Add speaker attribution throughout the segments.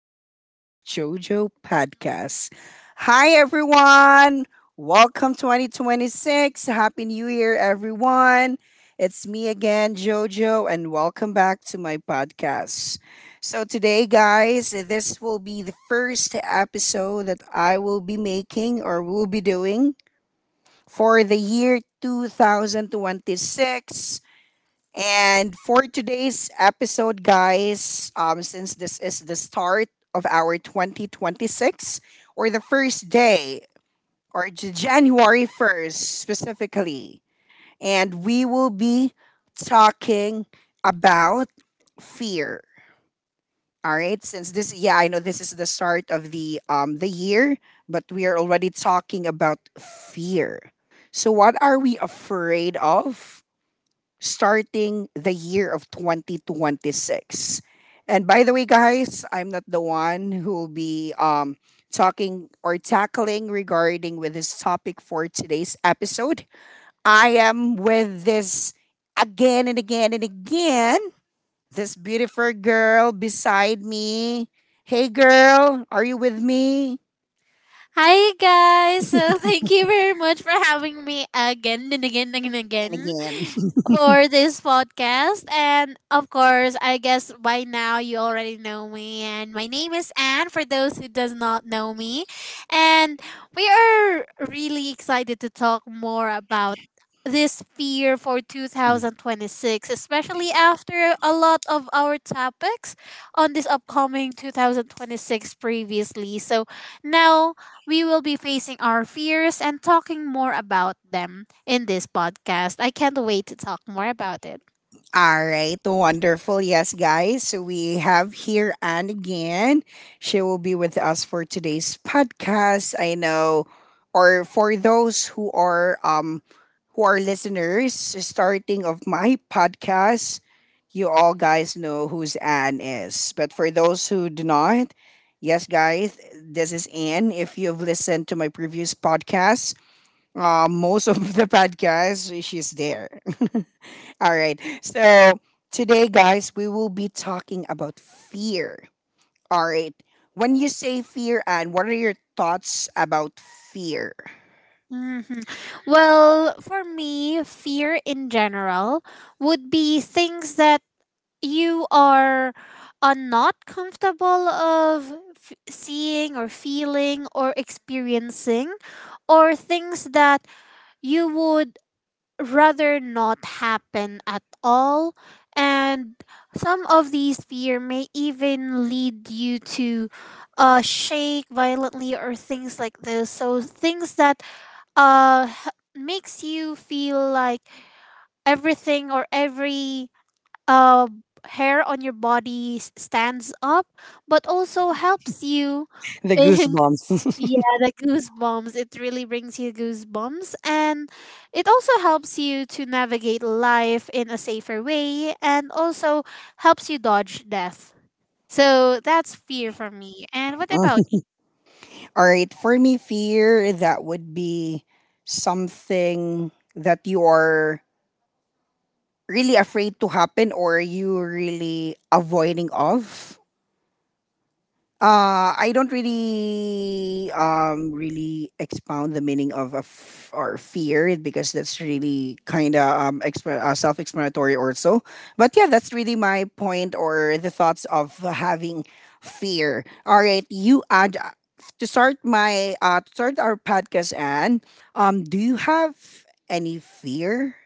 Speaker 1: episode of JoJo Podcast. Hi, everyone. Welcome 2026. Happy New Year, everyone. It's me again, JoJo, and welcome back to my podcast. So, today, guys, this will be the first episode that I will be making or will be doing for the year 2026. And for today's episode, guys, since this is the start of our 2026, or the first day, or January 1st specifically, and we will be talking about fear. All right, since this, I know this is the start of the year, but we are already talking about fear. So what are we afraid of, starting the year of 2026? And by the way, guys, I'm not the one who will be talking or tackling regarding with this topic for today's episode. I am with this again and again and again. This beautiful girl beside me. Hey, girl, are you with me?
Speaker 2: Hi guys! So thank you very much for having me again and again and
Speaker 1: And
Speaker 2: again
Speaker 1: again.
Speaker 2: for this podcast. And of course, I guess by now you already know me. And my name is Anne. For those who does not know me, and we are really excited to talk more about this fear for 2026, especially after a lot of our topics on this upcoming 2026 previously, so now we will be facing our fears and talking more about them in this podcast. I can't wait to talk more about it.
Speaker 1: All right, wonderful. Yes, guys. So we have here Anne again. She will be with us for today's podcast. I know, or for those who are who are listeners starting of my podcast, you all guys know who's Anne is. But for those who do not, yes, guys, this is Anne. If you've listened to my previous podcast, most of the podcasts, she's there. All right. So today, guys, we will be talking about fear. All right. When you say fear, and what are your thoughts about fear?
Speaker 2: Mhm. Well, for me, fear in general would be things that you are not comfortable of seeing or feeling or experiencing, or things that you would rather not happen at all. And some of these fear may even lead you to shake violently or things like this. So things that makes you feel like everything or every uh, hair on your body stands up, but also helps you
Speaker 1: The
Speaker 2: in.
Speaker 1: goosebumps.
Speaker 2: Yeah, the goosebumps. It really brings you goosebumps. And it also helps you to navigate life in a safer way and also helps you dodge death. So that's fear for me. And what about?
Speaker 1: All right. For me, fear, that would be something that you are really afraid to happen or you really avoiding of. I don't really expound the meaning of a f- or fear because that's really kind of self-explanatory also. But yeah, that's really my point or the thoughts of having fear. All right, you add to start our podcast and do you have any fear,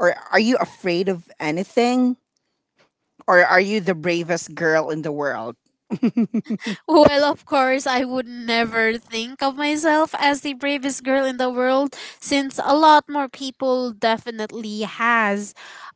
Speaker 1: or are you afraid of anything, or are you the bravest girl in the world?
Speaker 2: Well, of course, I would never think of myself as the bravest girl in the world, since a lot more people definitely has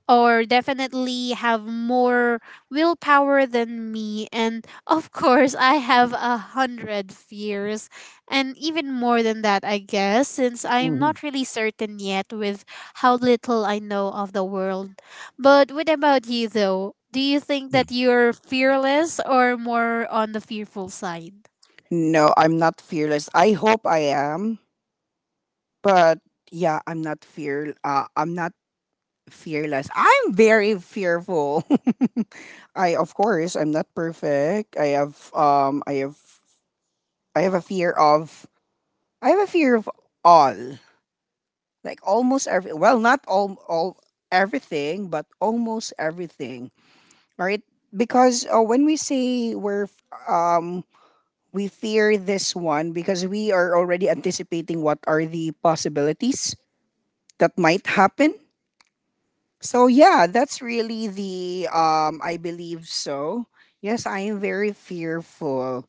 Speaker 2: or definitely have more willpower than me. And of course, I have 100 fears, and even more than that, I guess, since I'm
Speaker 1: Mhm.
Speaker 2: not really certain yet with how little I know of the world. But what about you though? Do you think that you're fearless or more on the fearful side?
Speaker 1: No, I'm not fearless. I hope I am, but yeah, I'm not fearless. I'm very fearful. I of course I'm not perfect. I have I have a fear of I have a fear of all, like almost every, well not all everything but almost everything, right, because when we say we fear this one because we are already anticipating what are the possibilities that might happen. So yeah, that's really the I believe so. Yes, I am very fearful.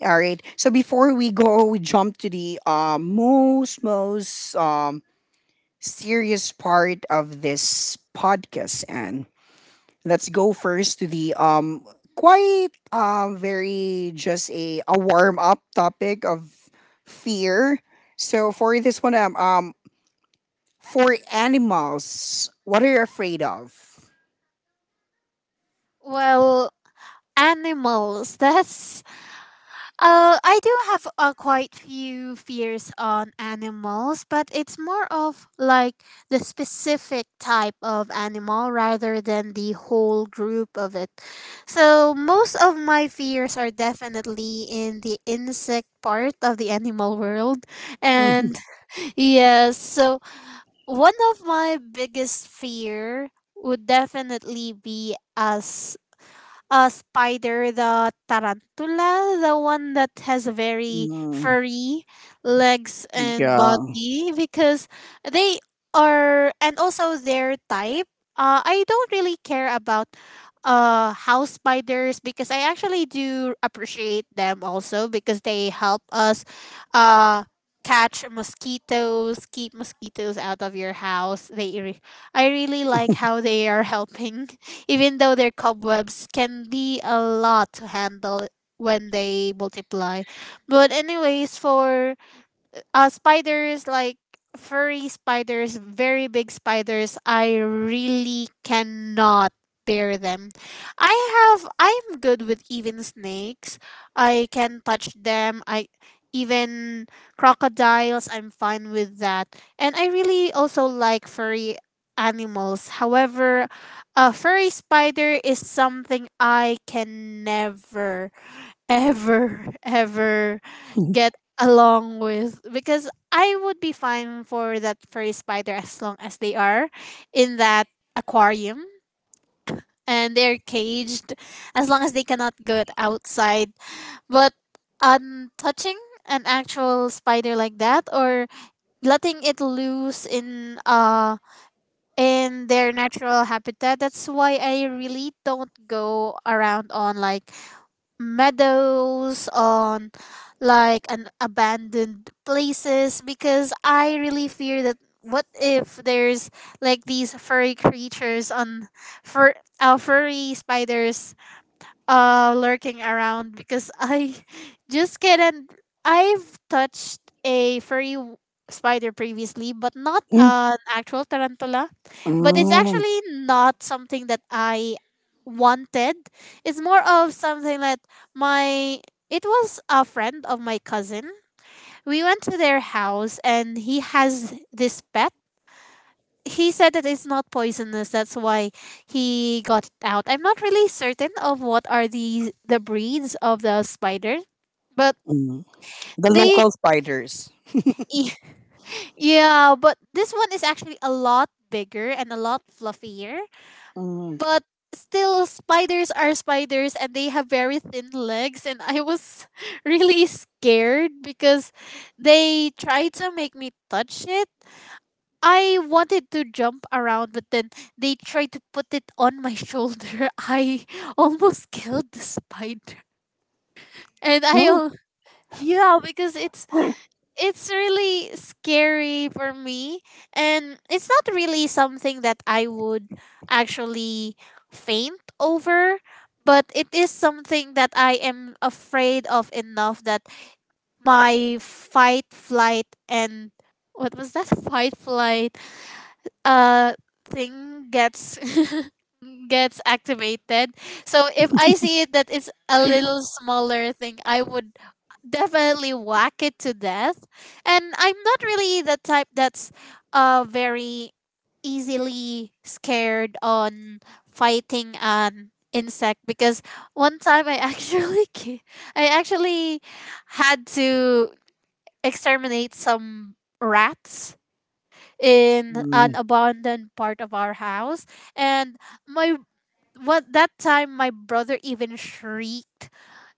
Speaker 1: All right. So before we jump to the most serious part of this podcast, and let's go first to the quite very just a warm up topic of fear. So for this one, for animals, what are you afraid of?
Speaker 2: Well, animals. That's I do have quite few fears on animals, but it's more of like the specific type of animal rather than the whole group of it. So most of my fears are definitely in the insect part of the animal world, and yes, so one of my biggest fear would definitely be as a spider, the tarantula, the one that has a very
Speaker 1: Mhm. Mm,
Speaker 2: furry legs and
Speaker 1: yeah.
Speaker 2: body because they are, and also their type. I don't really care about house spiders, because I actually do appreciate them also because they help us uh catch mosquitoes, keep mosquitoes out of your house. They I really like how they are helping, even though their cobwebs can be a lot to handle when they multiply. But anyways, for spiders like furry spiders, very big spiders, I really cannot bear them. I'm good with even snakes. I can touch them. I even crocodiles, I'm fine with that. And I really also like furry animals. However, a furry spider is something I can never ever ever get along with, because I would be fine for that furry spider as long as they are in that aquarium and they're caged, as long as they cannot get outside. But touching an actual spider like that, or letting it loose in their natural habitat, that's why I really don't go around on like meadows, on like an abandoned places, because I really fear that what if there's like these furry creatures on fur furry spiders lurking around, because I just couldn't. I've touched a furry spider previously, but not
Speaker 1: Mm,
Speaker 2: an actual tarantula. But it's
Speaker 1: mm.
Speaker 2: actually not something that I wanted. It's more of something that my it was a friend of my cousin. We went to their house and he has this pet. He said that it's not poisonous. That's why he got it out. I'm not really certain of what are the breeds of the spider, but
Speaker 1: Mm. The
Speaker 2: they
Speaker 1: local spiders.
Speaker 2: yeah, but this one is actually a lot bigger and a lot fluffier.
Speaker 1: Mm.
Speaker 2: But still, spiders are spiders and they have very thin legs, and I was really scared because they tried to make me touch it. I wanted to jump around, but then they tried to put it on my shoulder. I almost killed the spider. And
Speaker 1: Mm.
Speaker 2: yeah, because it's really scary for me, and it's not really something that I would actually faint over, but it is something that I am afraid of enough that my fight, flight, and what was that? Fight, flight, uh thing gets gets activated. So if I see that it's a little smaller thing, I would definitely whack it to death. And I'm not really the type that's very easily scared on fighting an insect, because one time I actually I actually had to exterminate some rats in an
Speaker 1: Mm.
Speaker 2: abandoned part of our house, and my what that time my brother even shrieked,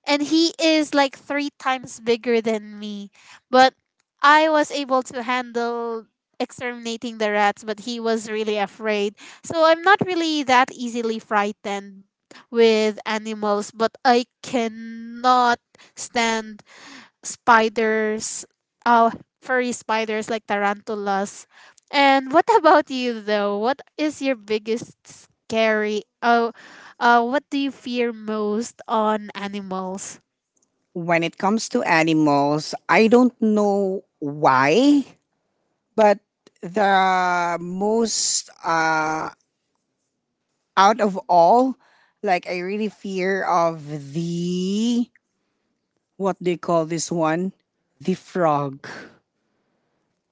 Speaker 2: and he is like three times bigger than me, but I was able to handle exterminating the rats, but he was really afraid. So I'm not really that easily frightened with animals, but I cannot stand spiders, uh, furry spiders like tarantulas. And what about you though? What is your biggest scary? Oh, what do you fear most on animals?
Speaker 1: When it comes to animals, I don't know why, but the most out of all, like I really fear of the, what do you call this one? The frog.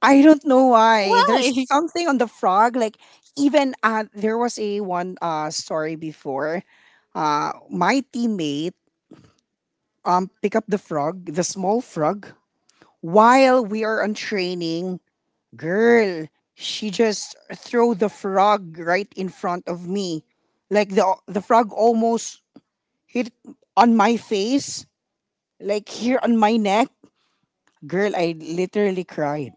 Speaker 1: I don't know why. There's
Speaker 2: Why?
Speaker 1: something on the frog. Like even there was a one story before. My teammate pick up the frog, the small frog, while we are on training. Girl, she just throw the frog right in front of me. Like the frog almost hit on my face, like here on my neck. Girl, I literally cried.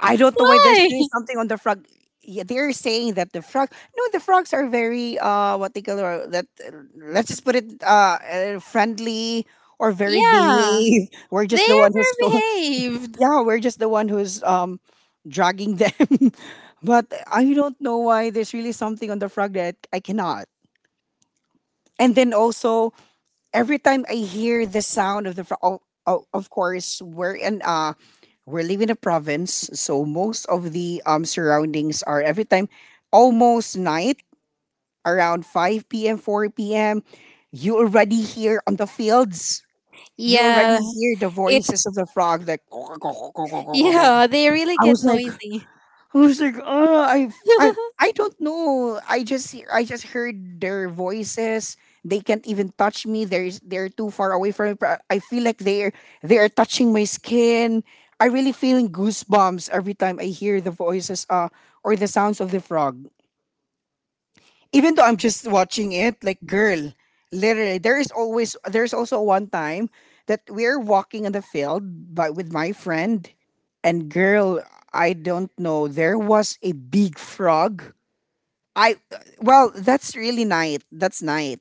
Speaker 1: I don't know why they're
Speaker 2: Why?
Speaker 1: saying something on the frog. Yeah, they're saying that the frog. No, the frogs are very what they call or that. Let's just put it friendly or very
Speaker 2: Yeah.
Speaker 1: behave. We're
Speaker 2: They
Speaker 1: just the one
Speaker 2: are
Speaker 1: who's
Speaker 2: very
Speaker 1: so
Speaker 2: behaved.
Speaker 1: yeah. We're just the one who's dragging them. But I don't know why there's really something on the frog that I cannot. And then also, every time I hear the sound of the frog, oh, oh, of course we're in we're living in a province, so most of the surroundings are every time almost night, around 5 p.m., 4 p.m. You already hear on the fields. You already
Speaker 2: Yeah.
Speaker 1: hear the
Speaker 2: It
Speaker 1: voices of the frog. Like
Speaker 2: Yeah, they really
Speaker 1: I
Speaker 2: get
Speaker 1: was like,
Speaker 2: noisy.
Speaker 1: I was like, oh, I, I don't know. I just heard their voices. They can't even touch me. They're too far away from me. But I feel like they are touching my skin. I really feeling goosebumps every time I hear the voices, or the sounds of the frog, even though I'm just watching it, like girl, literally. There is always, there's also one time that we're walking on the field by with my friend, and girl, I don't know, there was a big frog. I that's really night. That's night.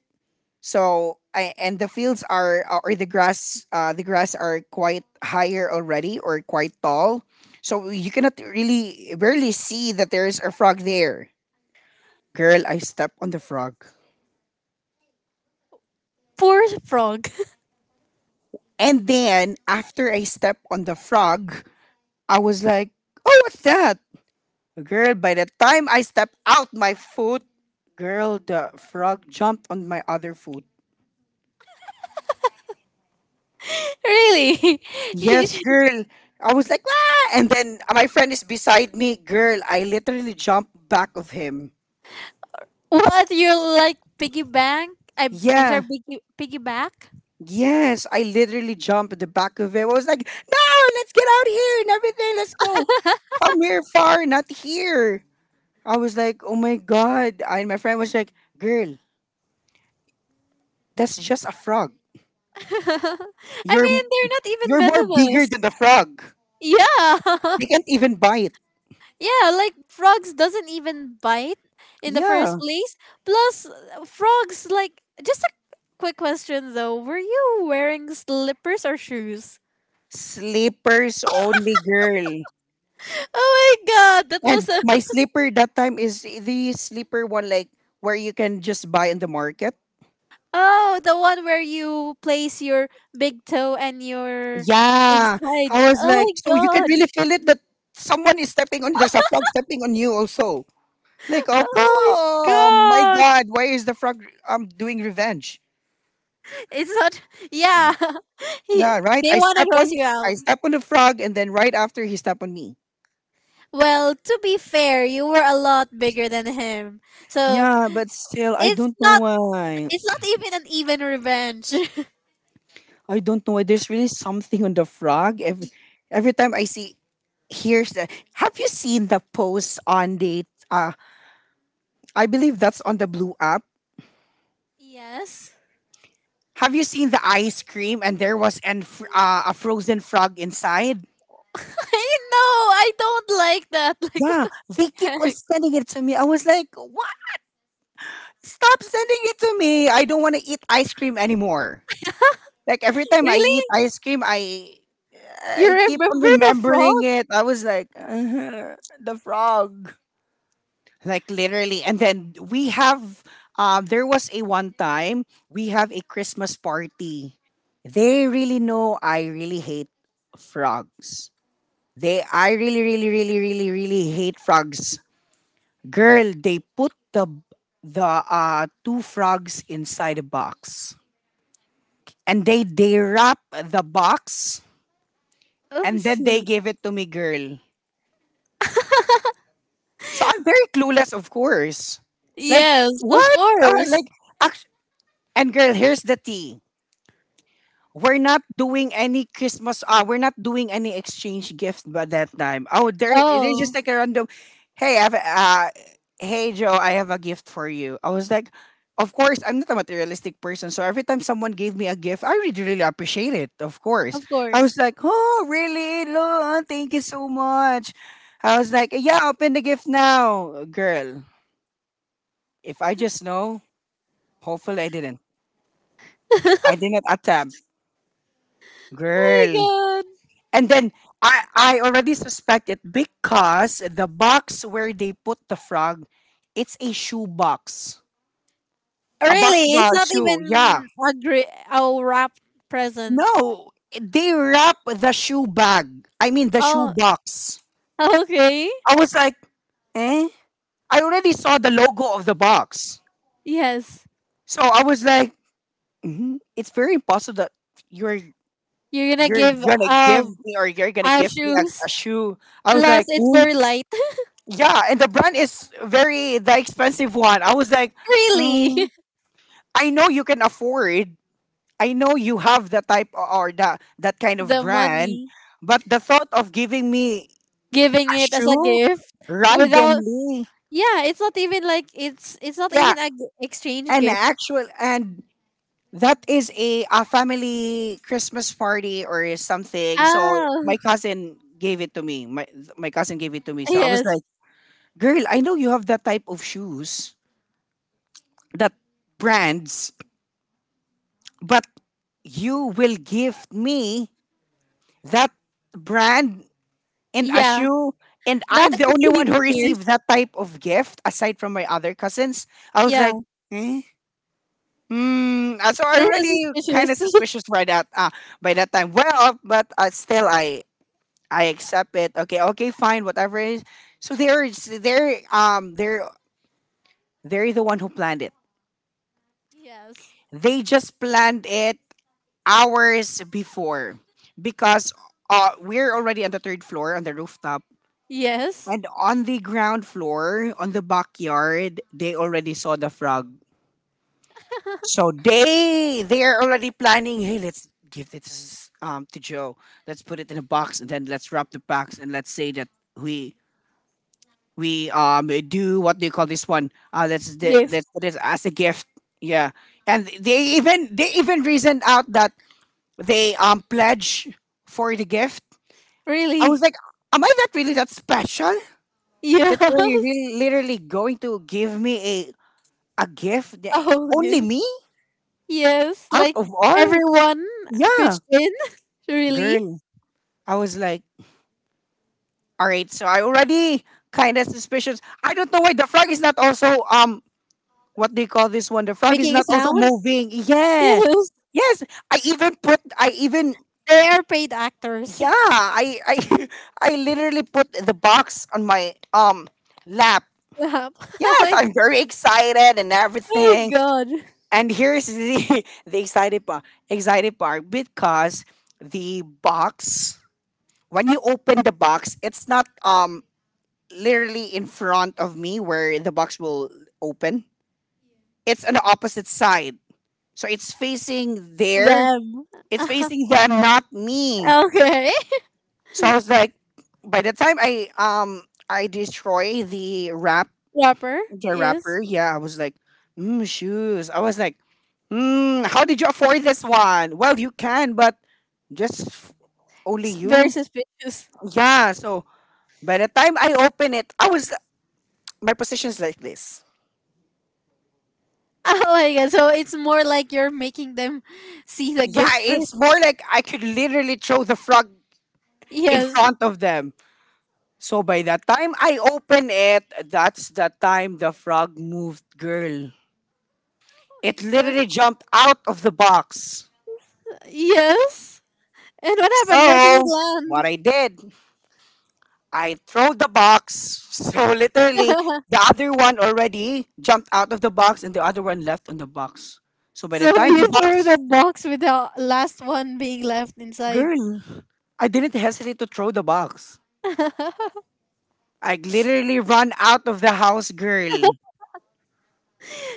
Speaker 1: So I, and the fields are or the grass are quite higher already or quite tall. So you cannot really barely see that there is a frog there. Girl, I step on the frog.
Speaker 2: Poor frog.
Speaker 1: And then after I stepped on the frog, I was like, oh, what's that? Girl, by the time I stepped out my foot, girl, the frog jumped on my other foot.
Speaker 2: Really?
Speaker 1: Yes, girl. I was like, ah! And then my friend is beside me. Girl, I literally jumped back of him.
Speaker 2: What you like piggy bank? I'm sorry,
Speaker 1: Yeah.
Speaker 2: piggyback?
Speaker 1: Yes, I literally jumped at the back of him. I was like, no, let's get out here and everything. Let's go. Somewhere far, not here. I was like, "Oh my god!" And my friend was like, "Girl, that's just a frog.
Speaker 2: I
Speaker 1: You're
Speaker 2: mean, they're not even
Speaker 1: you're more bigger
Speaker 2: venomous.
Speaker 1: than the frog.
Speaker 2: Yeah.
Speaker 1: They can't even bite."
Speaker 2: Yeah, like frogs doesn't even bite in the first
Speaker 1: Yeah,
Speaker 2: place. Plus frogs like just a quick question though. Were you wearing slippers or shoes?
Speaker 1: slippers only, girl.
Speaker 2: Oh my god, that
Speaker 1: And
Speaker 2: must have.
Speaker 1: my slipper that time is the slipper one, like where you can just buy in the market.
Speaker 2: Oh, the one where you place your big toe and your
Speaker 1: Yeah,
Speaker 2: inside.
Speaker 1: I was
Speaker 2: Oh
Speaker 1: like, so you can
Speaker 2: my god.
Speaker 1: really feel it that someone is stepping on you. There's a frog stepping on you also. Like, oh
Speaker 2: Oh my
Speaker 1: come, my
Speaker 2: god.
Speaker 1: god, why is the frog doing revenge?
Speaker 2: It's not yeah. He,
Speaker 1: Yeah, right?
Speaker 2: they want to gross you out.
Speaker 1: I step on the frog and then right after he step on me.
Speaker 2: Well, to be fair, you were a lot bigger than him. So
Speaker 1: Yeah, but still, I
Speaker 2: it's
Speaker 1: don't know
Speaker 2: not
Speaker 1: why.
Speaker 2: it's not even an even revenge.
Speaker 1: I don't know why. There's really something on the frog. Every time I see, here's the. Have you seen the post on the? Uh, I believe that's on the blue app.
Speaker 2: Yes.
Speaker 1: Have you seen the ice cream and there was an a frozen frog inside?
Speaker 2: I know, I don't like that. Like what
Speaker 1: Yeah,
Speaker 2: the
Speaker 1: they keep on
Speaker 2: heck?
Speaker 1: sending it to me. I was like, what? Stop sending it to me. I don't want to eat ice cream anymore. Like every time I
Speaker 2: Really?
Speaker 1: eat ice cream,
Speaker 2: You
Speaker 1: I keep on
Speaker 2: remember the frog?
Speaker 1: remembering it. I was like, "Ugh, the frog." Like literally. And then we have there was a one time we have a Christmas party. They really know I really hate frogs. They I really really really really really hate frogs. Girl, they put the two frogs inside a box, and they wrap the box,
Speaker 2: Oh
Speaker 1: and then they
Speaker 2: shoot.
Speaker 1: gave it to me, girl. So I'm very clueless, of course. Like,
Speaker 2: Yes, of
Speaker 1: what?
Speaker 2: course.
Speaker 1: Like, act- and girl, here's the tea. We're not doing any Christmas. We're not doing any exchange gift by that time. Oh, there, they just
Speaker 2: Oh,
Speaker 1: like a random. Hey, hey Joe, I have a gift for you. I was like, of course, I'm not a materialistic person, so every time someone gave me a gift, I really, really appreciate it. Of course,
Speaker 2: of
Speaker 1: I was
Speaker 2: course.
Speaker 1: like, oh, really, Lon, thank you so much. I was like, yeah, open the gift now, girl. If I just know, hopefully I didn't. I didn't attempt,
Speaker 2: Oh
Speaker 1: girl.
Speaker 2: my god.
Speaker 1: And then I already suspect it because the box where they put the frog, it's a shoe box. A box
Speaker 2: Really?
Speaker 1: of a
Speaker 2: It's not
Speaker 1: shoe, yeah.
Speaker 2: even a a wrap present.
Speaker 1: No, they wrap the shoe bag. I mean the shoe
Speaker 2: Oh,
Speaker 1: box.
Speaker 2: okay.
Speaker 1: I was like, eh? I already saw the logo of the box.
Speaker 2: Yes.
Speaker 1: So I was like, hmm, it's very impossible that you're
Speaker 2: You're gonna
Speaker 1: you're
Speaker 2: give
Speaker 1: gonna give me, or you're gonna
Speaker 2: our
Speaker 1: give me
Speaker 2: shoes.
Speaker 1: a shoe. I was
Speaker 2: Plus,
Speaker 1: like,
Speaker 2: it's very light.
Speaker 1: yeah, and the brand is very the expensive one. I was like,
Speaker 2: Really,
Speaker 1: mm, I know you can afford. I know you have the type o- or the that kind of
Speaker 2: the
Speaker 1: brand,
Speaker 2: money,
Speaker 1: but the thought of giving me
Speaker 2: giving
Speaker 1: a
Speaker 2: it as a
Speaker 1: shoe
Speaker 2: gift without,
Speaker 1: randomly,
Speaker 2: yeah, it's not even like it's not
Speaker 1: yeah,
Speaker 2: even a exchange
Speaker 1: an
Speaker 2: gift.
Speaker 1: actual, and that is a family Christmas party or something. So
Speaker 2: Oh
Speaker 1: my cousin gave it to me. My cousin gave it to me. So I was
Speaker 2: yes,
Speaker 1: like, girl, I know you have that type of shoes, that brands, but you will give me that brand and a
Speaker 2: yeah,
Speaker 1: shoe, and
Speaker 2: not
Speaker 1: I'm the
Speaker 2: a
Speaker 1: only one
Speaker 2: million
Speaker 1: who
Speaker 2: years.
Speaker 1: received that type of gift aside from my other cousins. I was
Speaker 2: Yeah,
Speaker 1: like, eh? Hmm. So I
Speaker 2: this is
Speaker 1: already kind of
Speaker 2: suspicious.
Speaker 1: suspicious by that time well but still I accept it. Okay, okay, fine, whatever it is. So they're they're the one who planned it.
Speaker 2: Yes,
Speaker 1: They just planned it hours before because we're already on the third floor on the rooftop.
Speaker 2: yes,
Speaker 1: And on the ground floor, on the backyard, they already saw the frog. So they are already planning. Hey, let's give this to Joe. Let's put it in a box and then let's wrap the box and let's say that we we do, what do you call this one? Let's
Speaker 2: gift.
Speaker 1: let's put it as a gift. Yeah, and they even reasoned out that they pledge for the gift. I
Speaker 2: Really,
Speaker 1: was like, am I that, really that special
Speaker 2: yeah,
Speaker 1: that you're really, literally going to give me a gift?
Speaker 2: a whole
Speaker 1: Only
Speaker 2: gift.
Speaker 1: me
Speaker 2: Yes,
Speaker 1: out
Speaker 2: like
Speaker 1: of all?
Speaker 2: everyone
Speaker 1: Yeah,
Speaker 2: pitched in. Really,
Speaker 1: girl. I was like, all right. So I already kind of suspicious. I don't know why the frog is not also What do you call this one? The frog is
Speaker 2: making a
Speaker 1: not also
Speaker 2: sound.
Speaker 1: moving. Yeah.
Speaker 2: Yes,
Speaker 1: Yes. I even put. I even.
Speaker 2: they are paid actors.
Speaker 1: Yeah. I. I literally put the box on my lap.
Speaker 2: Lap. Oh
Speaker 1: Yes,
Speaker 2: my,
Speaker 1: I'm very excited and
Speaker 2: oh
Speaker 1: everything.
Speaker 2: my god.
Speaker 1: And here's the the excited part because the box, when you open the box, it's not literally in front of me where the box will open. It's on the opposite side. So it's facing there.
Speaker 2: Them.
Speaker 1: It's facing them, not me.
Speaker 2: Okay.
Speaker 1: So I was like, by the time I i destroy the wrap
Speaker 2: Rapper.
Speaker 1: the
Speaker 2: Yes.
Speaker 1: rapper. Yeah, I was like, mm, shoes. I was like, mm, how did you afford this one? Well, you can, but just f- only
Speaker 2: Very
Speaker 1: you.
Speaker 2: suspicious.
Speaker 1: Yeah. So by the time I open it, I was, my position's like this.
Speaker 2: Oh my god. So it's more like you're making them see the
Speaker 1: Yeah,
Speaker 2: gift first.
Speaker 1: it's more like I could literally throw the frog in
Speaker 2: Yes.
Speaker 1: front of them. So by the time I open it, that's the time the frog moved, girl.
Speaker 2: Oh my
Speaker 1: It
Speaker 2: god.
Speaker 1: literally jumped out of the box.
Speaker 2: Yes. And what happened? Where did it
Speaker 1: So what
Speaker 2: land?
Speaker 1: I did, I throw the box. So literally, the other one already jumped out of the box and the other one left on the box. So by the
Speaker 2: So
Speaker 1: time the
Speaker 2: you threw
Speaker 1: box,
Speaker 2: the box with the last one being left inside.
Speaker 1: girl, I didn't hesitate to throw the box. I literally run out of the house, girl.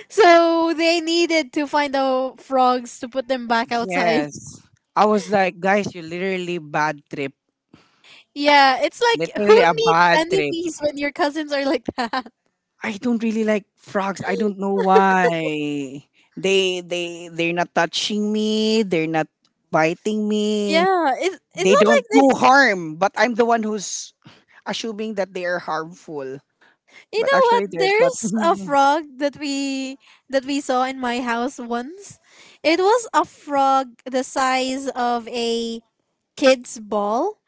Speaker 2: So they needed to find the frogs to put them back outside.
Speaker 1: Yes. I was like, guys, you literally bad trip.
Speaker 2: Yeah, it's like who
Speaker 1: Literally a
Speaker 2: needs
Speaker 1: bad trip.
Speaker 2: enemies when your cousins are like that?
Speaker 1: I don't really like frogs. I don't know why. They're not touching me. They're not biting me.
Speaker 2: Yeah, it's
Speaker 1: They
Speaker 2: not like
Speaker 1: don't
Speaker 2: the,
Speaker 1: do harm, but I'm the one who's assuming that they are harmful.
Speaker 2: you
Speaker 1: But
Speaker 2: know what?
Speaker 1: actually, they're but
Speaker 2: There's a
Speaker 1: Mhm.
Speaker 2: frog that we saw in my house once. It was a frog the size of a kid's ball,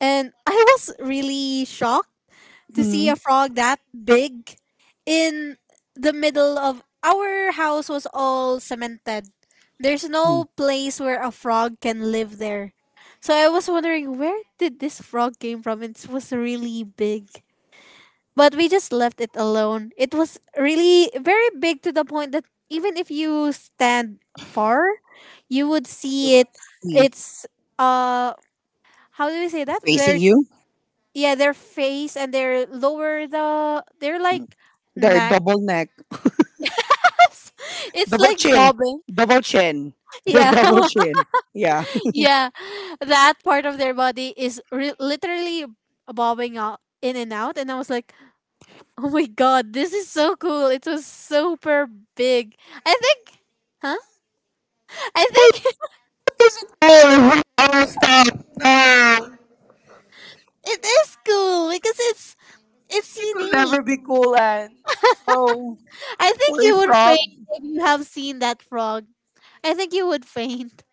Speaker 2: and I was really shocked to see
Speaker 1: Mhm.
Speaker 2: a frog that big in the middle of our house was all cemented. There's
Speaker 1: Mm.
Speaker 2: no place where a frog can live there. So I was wondering, where did this frog came from? It was really big. But we just left it alone. It was really very big to the point that even if you stand far, you would see it.
Speaker 1: Mm.
Speaker 2: It's uh how do we say that?
Speaker 1: Facing
Speaker 2: Their
Speaker 1: you.
Speaker 2: yeah their face and their lower the they're like
Speaker 1: They're
Speaker 2: neck,
Speaker 1: double neck,
Speaker 2: it's
Speaker 1: double
Speaker 2: like
Speaker 1: chin,
Speaker 2: bobbing,
Speaker 1: double chin. They're
Speaker 2: yeah,
Speaker 1: double chin. Yeah,
Speaker 2: yeah, that part of their body is literally bobbing out in and out, and I was like, oh my god, this is so cool. It was super big. I think, huh, I think, it is cool because it's
Speaker 1: it will
Speaker 2: unique.
Speaker 1: never be cool, and oh,
Speaker 2: I think
Speaker 1: sorry,
Speaker 2: you would
Speaker 1: frog.
Speaker 2: faint if you have seen that frog. I think you would faint.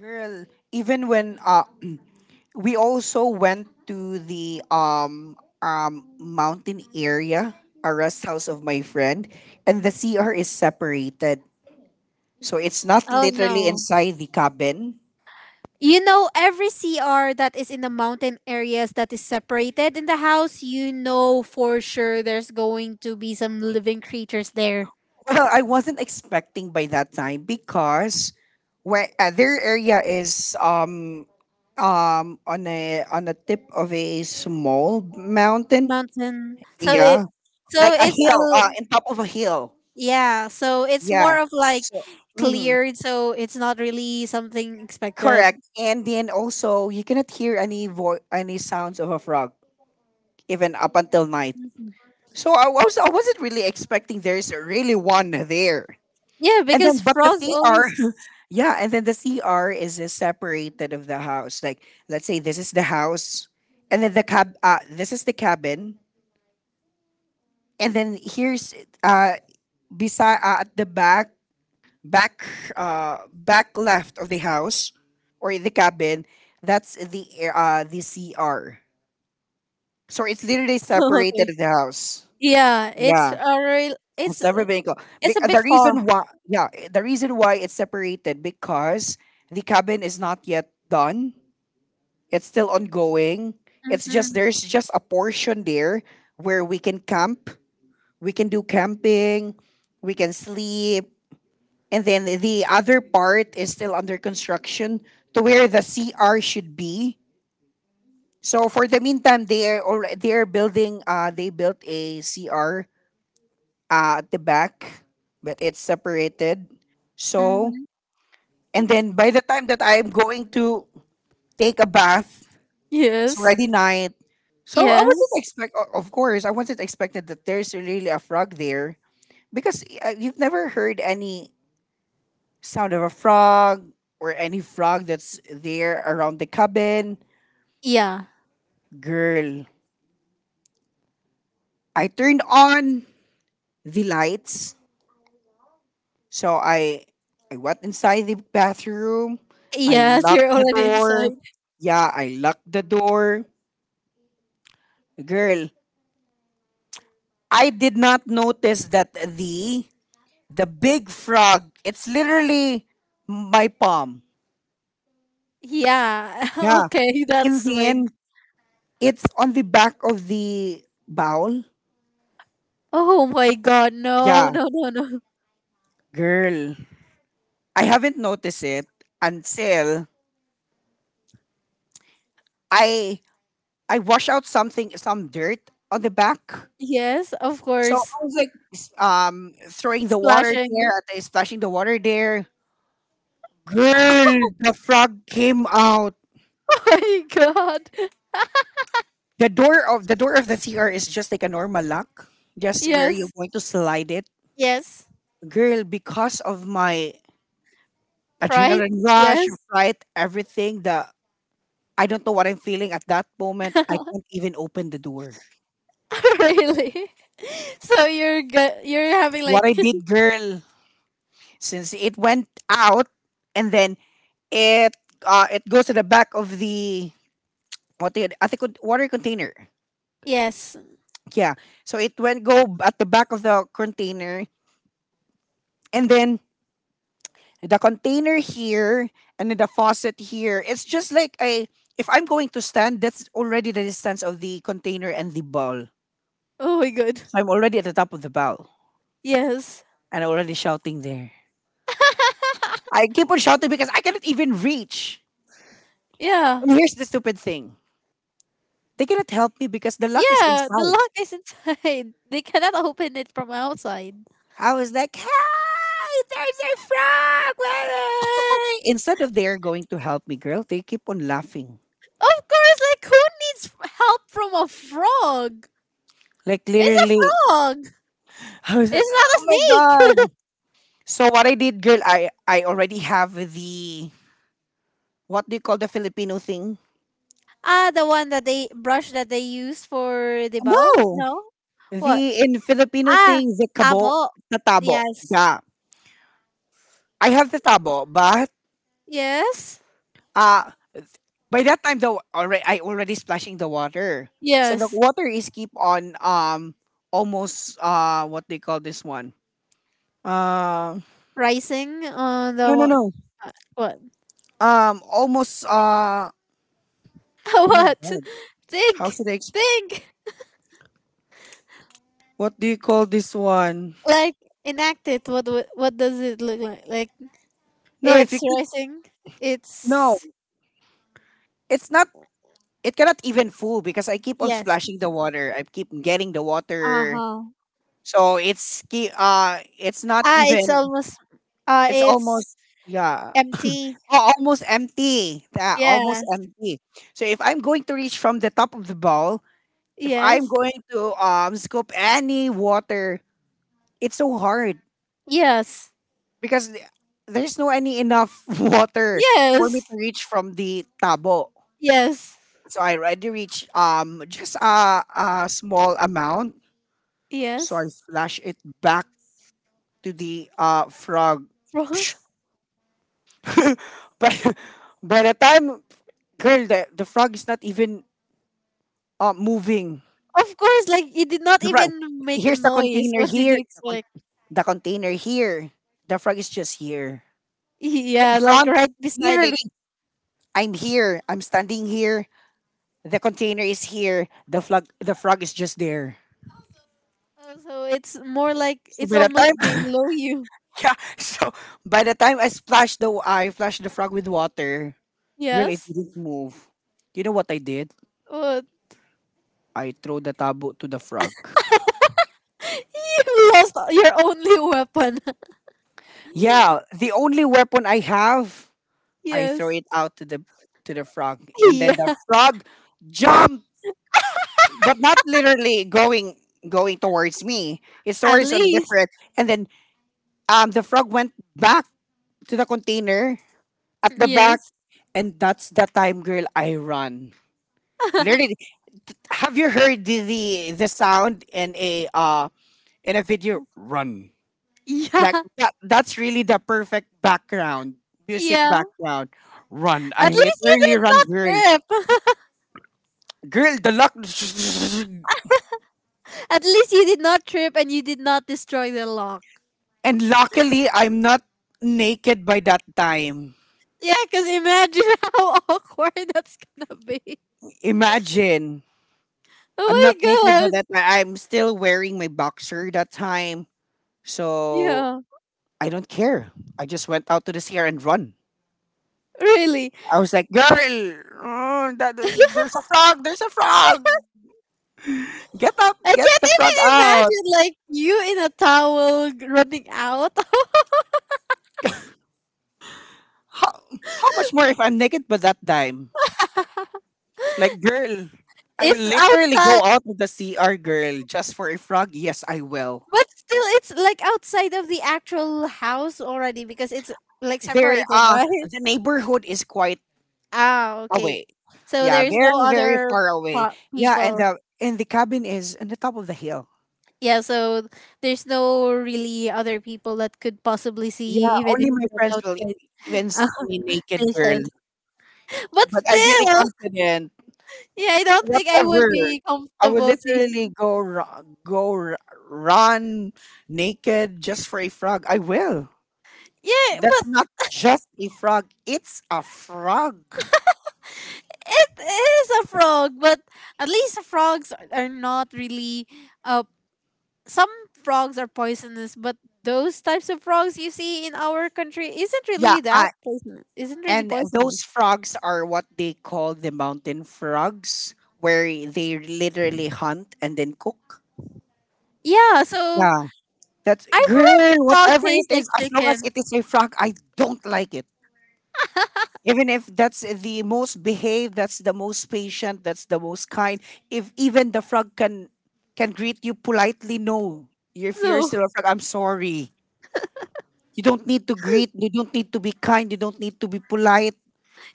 Speaker 1: Girl, even when we also went to the um mountain area, a rest house of my friend, and the CR is separated. So it's not
Speaker 2: Oh
Speaker 1: literally
Speaker 2: no.
Speaker 1: inside the cabin.
Speaker 2: You know, every CR that is in the mountain areas that is separated in the house, you know for sure there's going to be some living creatures there.
Speaker 1: Well, I wasn't expecting by that time because where their area is um on a tip of a small mountain.
Speaker 2: Mountain.
Speaker 1: Yeah.
Speaker 2: So
Speaker 1: Like a
Speaker 2: it's a,
Speaker 1: hill, uh, in top of a hill.
Speaker 2: yeah, so it's
Speaker 1: Yeah.
Speaker 2: more of like
Speaker 1: So mhm.
Speaker 2: cleared, so it's not really something expected.
Speaker 1: Correct. And then also, you cannot hear any sounds of a frog, even up until night. So I was I wasn't really expecting there's really one there.
Speaker 2: Yeah,
Speaker 1: And then,
Speaker 2: because
Speaker 1: but the
Speaker 2: frogs
Speaker 1: CR,
Speaker 2: always
Speaker 1: yeah, and then the CR is separated of the house. Like, let's say this is the house, and then this is the cabin, and then here's uh beside, at the back, back back left of the house or the cabin, that's the CR. So it's literally separated
Speaker 2: okay.
Speaker 1: the house.
Speaker 2: Yeah,
Speaker 1: Yeah,
Speaker 2: it's
Speaker 1: it's never been closed.
Speaker 2: it's a
Speaker 1: Because
Speaker 2: bit
Speaker 1: the
Speaker 2: far.
Speaker 1: reason why, yeah, the reason why it's separated because the cabin is not yet done. It's still ongoing. It's just
Speaker 2: Mhm,
Speaker 1: there's just a portion there where we can camp, we can do camping, we can sleep, and then the other part is still under construction to where the CR should be. So for the meantime, they are building. They built a CR, at the back, but it's separated. So,
Speaker 2: mhm.
Speaker 1: and then by the time that I'm going to take a bath, it's
Speaker 2: Yes.
Speaker 1: already night. So I wasn't
Speaker 2: Yes.
Speaker 1: expect, o- of course, I wasn't expected that there's really a frog there because you've never heard any sound of a frog or any frog that's there around the cabin.
Speaker 2: Yeah.
Speaker 1: Girl, I turned on the lights. So I went inside the bathroom. I
Speaker 2: Yes,
Speaker 1: locked
Speaker 2: you're
Speaker 1: the
Speaker 2: already inside.
Speaker 1: door. Yeah, I locked the door. Girl, I did not notice that the big frog, it's literally my palm.
Speaker 2: Yeah.
Speaker 1: Yeah.
Speaker 2: Okay, that's
Speaker 1: In the
Speaker 2: swig.
Speaker 1: end, it's on the back of the bowl.
Speaker 2: Oh my god, no,
Speaker 1: Yeah,
Speaker 2: no, no, no.
Speaker 1: girl. I haven't noticed it until I I wash out something, some dirt on the back.
Speaker 2: Yes, of
Speaker 1: So
Speaker 2: course.
Speaker 1: I was like, throwing the water
Speaker 2: Splashing.
Speaker 1: there, at the- splashing the water there. Girl, the frog came out.
Speaker 2: Oh my god.
Speaker 1: The door of the CR is just like a normal lock, just where you're
Speaker 2: Yes.
Speaker 1: going to slide it.
Speaker 2: Yes.
Speaker 1: Girl, because of my
Speaker 2: Right?
Speaker 1: adrenaline rush,
Speaker 2: Yes.
Speaker 1: fright, everything, the I don't know what I'm feeling at that moment. I can't even open the door.
Speaker 2: Really? So you're you're having
Speaker 1: What
Speaker 2: like
Speaker 1: I did, girl, since it went out and then it it goes to the back of the, what do you, at the con- water container.
Speaker 2: yes.
Speaker 1: Yeah. So it went go b- at the back of the container, and then the container here and then the faucet here. It's just like a, if I'm going to stand, that's already the distance of the container and the ball.
Speaker 2: Oh my god.
Speaker 1: So I'm already at the top of the ball
Speaker 2: Yes.
Speaker 1: and I'm already shouting there. I keep on shouting because I cannot even reach.
Speaker 2: Yeah.
Speaker 1: And here's the stupid thing. They cannot help me because the lock is
Speaker 2: Yeah, the
Speaker 1: inside.
Speaker 2: lock is inside. They cannot open it from outside.
Speaker 1: I was like, hi, there's a frog. Wah! Instead of they're going to help me, girl, they keep on laughing.
Speaker 2: Of course, like who needs help from a frog?
Speaker 1: Like
Speaker 2: It's a
Speaker 1: literally,
Speaker 2: hog.
Speaker 1: I was like, oh my
Speaker 2: It's not a
Speaker 1: god.
Speaker 2: snake.
Speaker 1: So what I did, girl, I already have the, what do you call the Filipino thing?
Speaker 2: Ah, the one that they brush that they use for the bowl?
Speaker 1: No,
Speaker 2: No. What?
Speaker 1: the in Filipino
Speaker 2: Ah,
Speaker 1: thing, the kabo,
Speaker 2: tabo.
Speaker 1: tatabo.
Speaker 2: Yes.
Speaker 1: Yeah, I have the tabo, but
Speaker 2: Yes.
Speaker 1: uh by that time, though, already I already splashing the water. So the
Speaker 2: Yes.
Speaker 1: water is keep on almost, uh, what they call this one. Uh,
Speaker 2: Rising on the
Speaker 1: no, no,
Speaker 2: wa-
Speaker 1: no.
Speaker 2: what?
Speaker 1: Um, almost, uh, oh my
Speaker 2: What?
Speaker 1: god. How
Speaker 2: Think.
Speaker 1: should I exp-,
Speaker 2: Think.
Speaker 1: what do you call this one?
Speaker 2: Like enact it. What does it look like? Like
Speaker 1: No, if
Speaker 2: it's
Speaker 1: you keep,
Speaker 2: rising.
Speaker 1: no,
Speaker 2: It's
Speaker 1: it's not, it cannot even full because I keep on
Speaker 2: yes.
Speaker 1: splashing the water. I keep getting the water.
Speaker 2: Uh-huh.
Speaker 1: So it's keep, uh, it's not
Speaker 2: Ah, it's
Speaker 1: even,
Speaker 2: almost
Speaker 1: it's almost,
Speaker 2: it's
Speaker 1: yeah,
Speaker 2: empty.
Speaker 1: oh, almost empty. Yeah, almost
Speaker 2: Yes.
Speaker 1: empty. So if I'm going to reach from the top of the bowl, if I'm
Speaker 2: Yes.
Speaker 1: going to scoop any water, it's so hard
Speaker 2: Yes.
Speaker 1: because there's no any enough water for me
Speaker 2: Yes.
Speaker 1: to reach from the tabo.
Speaker 2: Yes.
Speaker 1: So I already reached just a small amount. So
Speaker 2: Yes.
Speaker 1: I flash it back to the frog.
Speaker 2: Bro.
Speaker 1: Psh. But by the time, girl, the frog is not even moving.
Speaker 2: Of course, like it did not
Speaker 1: The frog.
Speaker 2: even make a
Speaker 1: Here's the
Speaker 2: noise.
Speaker 1: container
Speaker 2: What did
Speaker 1: here.
Speaker 2: you expect?
Speaker 1: The container here. The frog is just here. The
Speaker 2: Yeah, like
Speaker 1: frog.
Speaker 2: right beside it.
Speaker 1: Literally, I'm here. I'm standing here. The container is here. The frog. The frog is just there.
Speaker 2: Oh, so it's more like
Speaker 1: So
Speaker 2: it's
Speaker 1: by the time,
Speaker 2: almost below you.
Speaker 1: yeah. So by the time I splashed the frog with water, girl, it
Speaker 2: Yes.
Speaker 1: didn't move. You know what I did?
Speaker 2: What?
Speaker 1: I throw the tabo to the frog.
Speaker 2: You lost your only weapon.
Speaker 1: Yeah, the only weapon I have, I throw
Speaker 2: Yes.
Speaker 1: it out to the, to the frog, and
Speaker 2: Yeah.
Speaker 1: then the frog jumped, but not literally going, going towards me. It's
Speaker 2: At
Speaker 1: towards on the
Speaker 2: least.
Speaker 1: different, and then the frog went back to the container at the back,
Speaker 2: Yes.
Speaker 1: and that's the time, girl. I run. Literally, have you heard the the sound in a video? Run. Like
Speaker 2: yeah.
Speaker 1: that, that's really the perfect background, music
Speaker 2: Yeah.
Speaker 1: background. Run.
Speaker 2: At
Speaker 1: I
Speaker 2: least you
Speaker 1: literally
Speaker 2: did
Speaker 1: run,
Speaker 2: not
Speaker 1: girl.
Speaker 2: trip.
Speaker 1: Girl, the lock.
Speaker 2: At least you did not trip and you did not destroy the lock.
Speaker 1: And luckily, I'm not naked by that time.
Speaker 2: Yeah, because imagine how awkward that's gonna be.
Speaker 1: Imagine. I'm
Speaker 2: Oh
Speaker 1: not naked by
Speaker 2: my god.
Speaker 1: that time. I'm still wearing my boxer that time. So
Speaker 2: Yeah,
Speaker 1: I don't care. I just went out to the sea and run.
Speaker 2: really.
Speaker 1: I was like, girl, there's a frog. There's a frog. Get out.
Speaker 2: I
Speaker 1: Get the
Speaker 2: can't
Speaker 1: frog out.
Speaker 2: even imagine like you in a towel g- running out.
Speaker 1: How, how much more if I'm naked by that time? Like, girl, I will
Speaker 2: It's
Speaker 1: literally go
Speaker 2: outside,
Speaker 1: out with the CR girl just for a frog. Yes, I will.
Speaker 2: but still, it's like outside of the actual house already because it's like
Speaker 1: There,
Speaker 2: separated, right?
Speaker 1: the neighborhood is quite
Speaker 2: Ah, okay.
Speaker 1: away.
Speaker 2: So
Speaker 1: Yeah,
Speaker 2: there's no
Speaker 1: very, very
Speaker 2: other
Speaker 1: far away.
Speaker 2: po-
Speaker 1: Yeah, and
Speaker 2: people.
Speaker 1: the cabin is on the top of the hill.
Speaker 2: Yeah, so there's no really other people that could possibly
Speaker 1: Yeah,
Speaker 2: see you even if
Speaker 1: only my
Speaker 2: you're
Speaker 1: friends
Speaker 2: without
Speaker 1: will e- even see me naked
Speaker 2: kids.
Speaker 1: girl.
Speaker 2: But
Speaker 1: But I'm really
Speaker 2: still,
Speaker 1: confident.
Speaker 2: yeah, I don't think I would
Speaker 1: Whatever,
Speaker 2: be
Speaker 1: I will
Speaker 2: comfortable seeing.
Speaker 1: literally run naked just for a frog. I will.
Speaker 2: Yeah,
Speaker 1: That's
Speaker 2: but
Speaker 1: not just a frog. It's a frog.
Speaker 2: it is a frog. But at least the frogs are not really. Uh, some frogs are poisonous, but those types of frogs you see in our country isn't really
Speaker 1: Yeah,
Speaker 2: that
Speaker 1: I
Speaker 2: poisonous. Isn't really
Speaker 1: And those
Speaker 2: poisonous.
Speaker 1: frogs are what they call the mountain frogs, where they literally hunt and then cook.
Speaker 2: Yeah, so
Speaker 1: Yeah, that's
Speaker 2: I've heard
Speaker 1: girl.
Speaker 2: frog
Speaker 1: Whatever it
Speaker 2: tastes like
Speaker 1: is, as long as
Speaker 2: chicken.
Speaker 1: it is a frog, I don't like it. Even if that's the most behaved, that's the most patient, that's the most kind. If even the frog can greet you politely, no. If you're
Speaker 2: So
Speaker 1: still a frog, I'm sorry. You don't need to greet. You don't need to be kind. You don't need to be polite.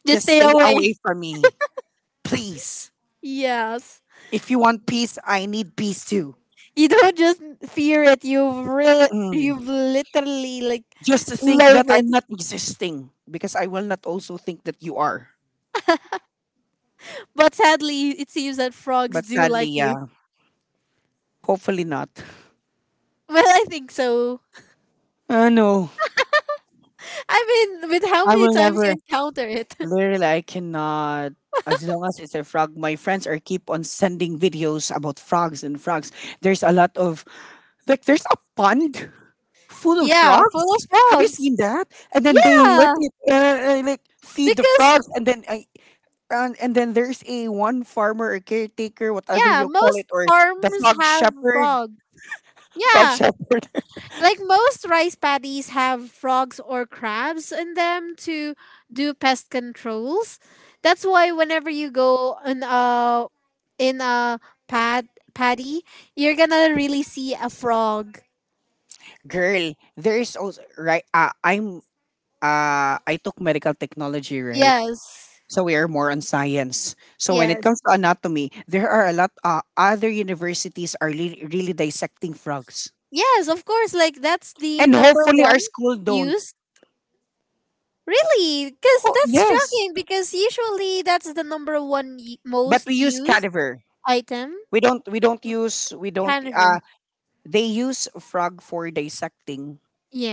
Speaker 2: just
Speaker 1: Just
Speaker 2: stay
Speaker 1: stay away
Speaker 2: away.
Speaker 1: from me, please.
Speaker 2: Yes,
Speaker 1: If you want peace, I need peace too.
Speaker 2: you don't just fear it. You really,
Speaker 1: Mm.
Speaker 2: you've literally like
Speaker 1: Just to think that
Speaker 2: loathe it.
Speaker 1: I'm not existing because I will not also think that you are.
Speaker 2: But sadly, it seems that frogs
Speaker 1: But
Speaker 2: do
Speaker 1: sadly,
Speaker 2: like you.
Speaker 1: yeah, hopefully not.
Speaker 2: Well, I think so.
Speaker 1: Uh, no,
Speaker 2: I mean, with how
Speaker 1: I
Speaker 2: many
Speaker 1: will
Speaker 2: times you
Speaker 1: never.
Speaker 2: encounter it.
Speaker 1: Literally, I cannot. As long as it's a frog, my friends are keep on sending videos about frogs and frogs. There's a lot of like there's a pond full of
Speaker 2: Yeah, full of
Speaker 1: frogs. Have you
Speaker 2: frogs.
Speaker 1: seen that? And then they let
Speaker 2: Yeah,
Speaker 1: it like feed the
Speaker 2: because,
Speaker 1: frogs. And then there's a one farmer or caretaker, whatever
Speaker 2: yeah,
Speaker 1: you call
Speaker 2: most
Speaker 1: it, or the
Speaker 2: farms
Speaker 1: frog
Speaker 2: have
Speaker 1: shepherd,
Speaker 2: frog.
Speaker 1: frog
Speaker 2: Yeah,
Speaker 1: shepherd.
Speaker 2: like most rice paddies have frogs or crabs in them to do pest controls. That's why whenever you go in a pad paddy, you're gonna really see a frog.
Speaker 1: Girl, there's also right. I took medical technology, right?
Speaker 2: Yes.
Speaker 1: So we are more on science. So when it
Speaker 2: Yes.
Speaker 1: comes to anatomy, there are a lot. Other universities are really, really dissecting frogs,
Speaker 2: Yes, of course. Like that's the
Speaker 1: and
Speaker 2: number
Speaker 1: hopefully
Speaker 2: one
Speaker 1: our school don't.
Speaker 2: use. Really? Because that's
Speaker 1: Yes,
Speaker 2: shocking. Because usually that's the number one
Speaker 1: but
Speaker 2: most
Speaker 1: we use
Speaker 2: used
Speaker 1: cadaver.
Speaker 2: item.
Speaker 1: We don't. We don't use. We don't.
Speaker 2: Caniver.
Speaker 1: They use frog for dissecting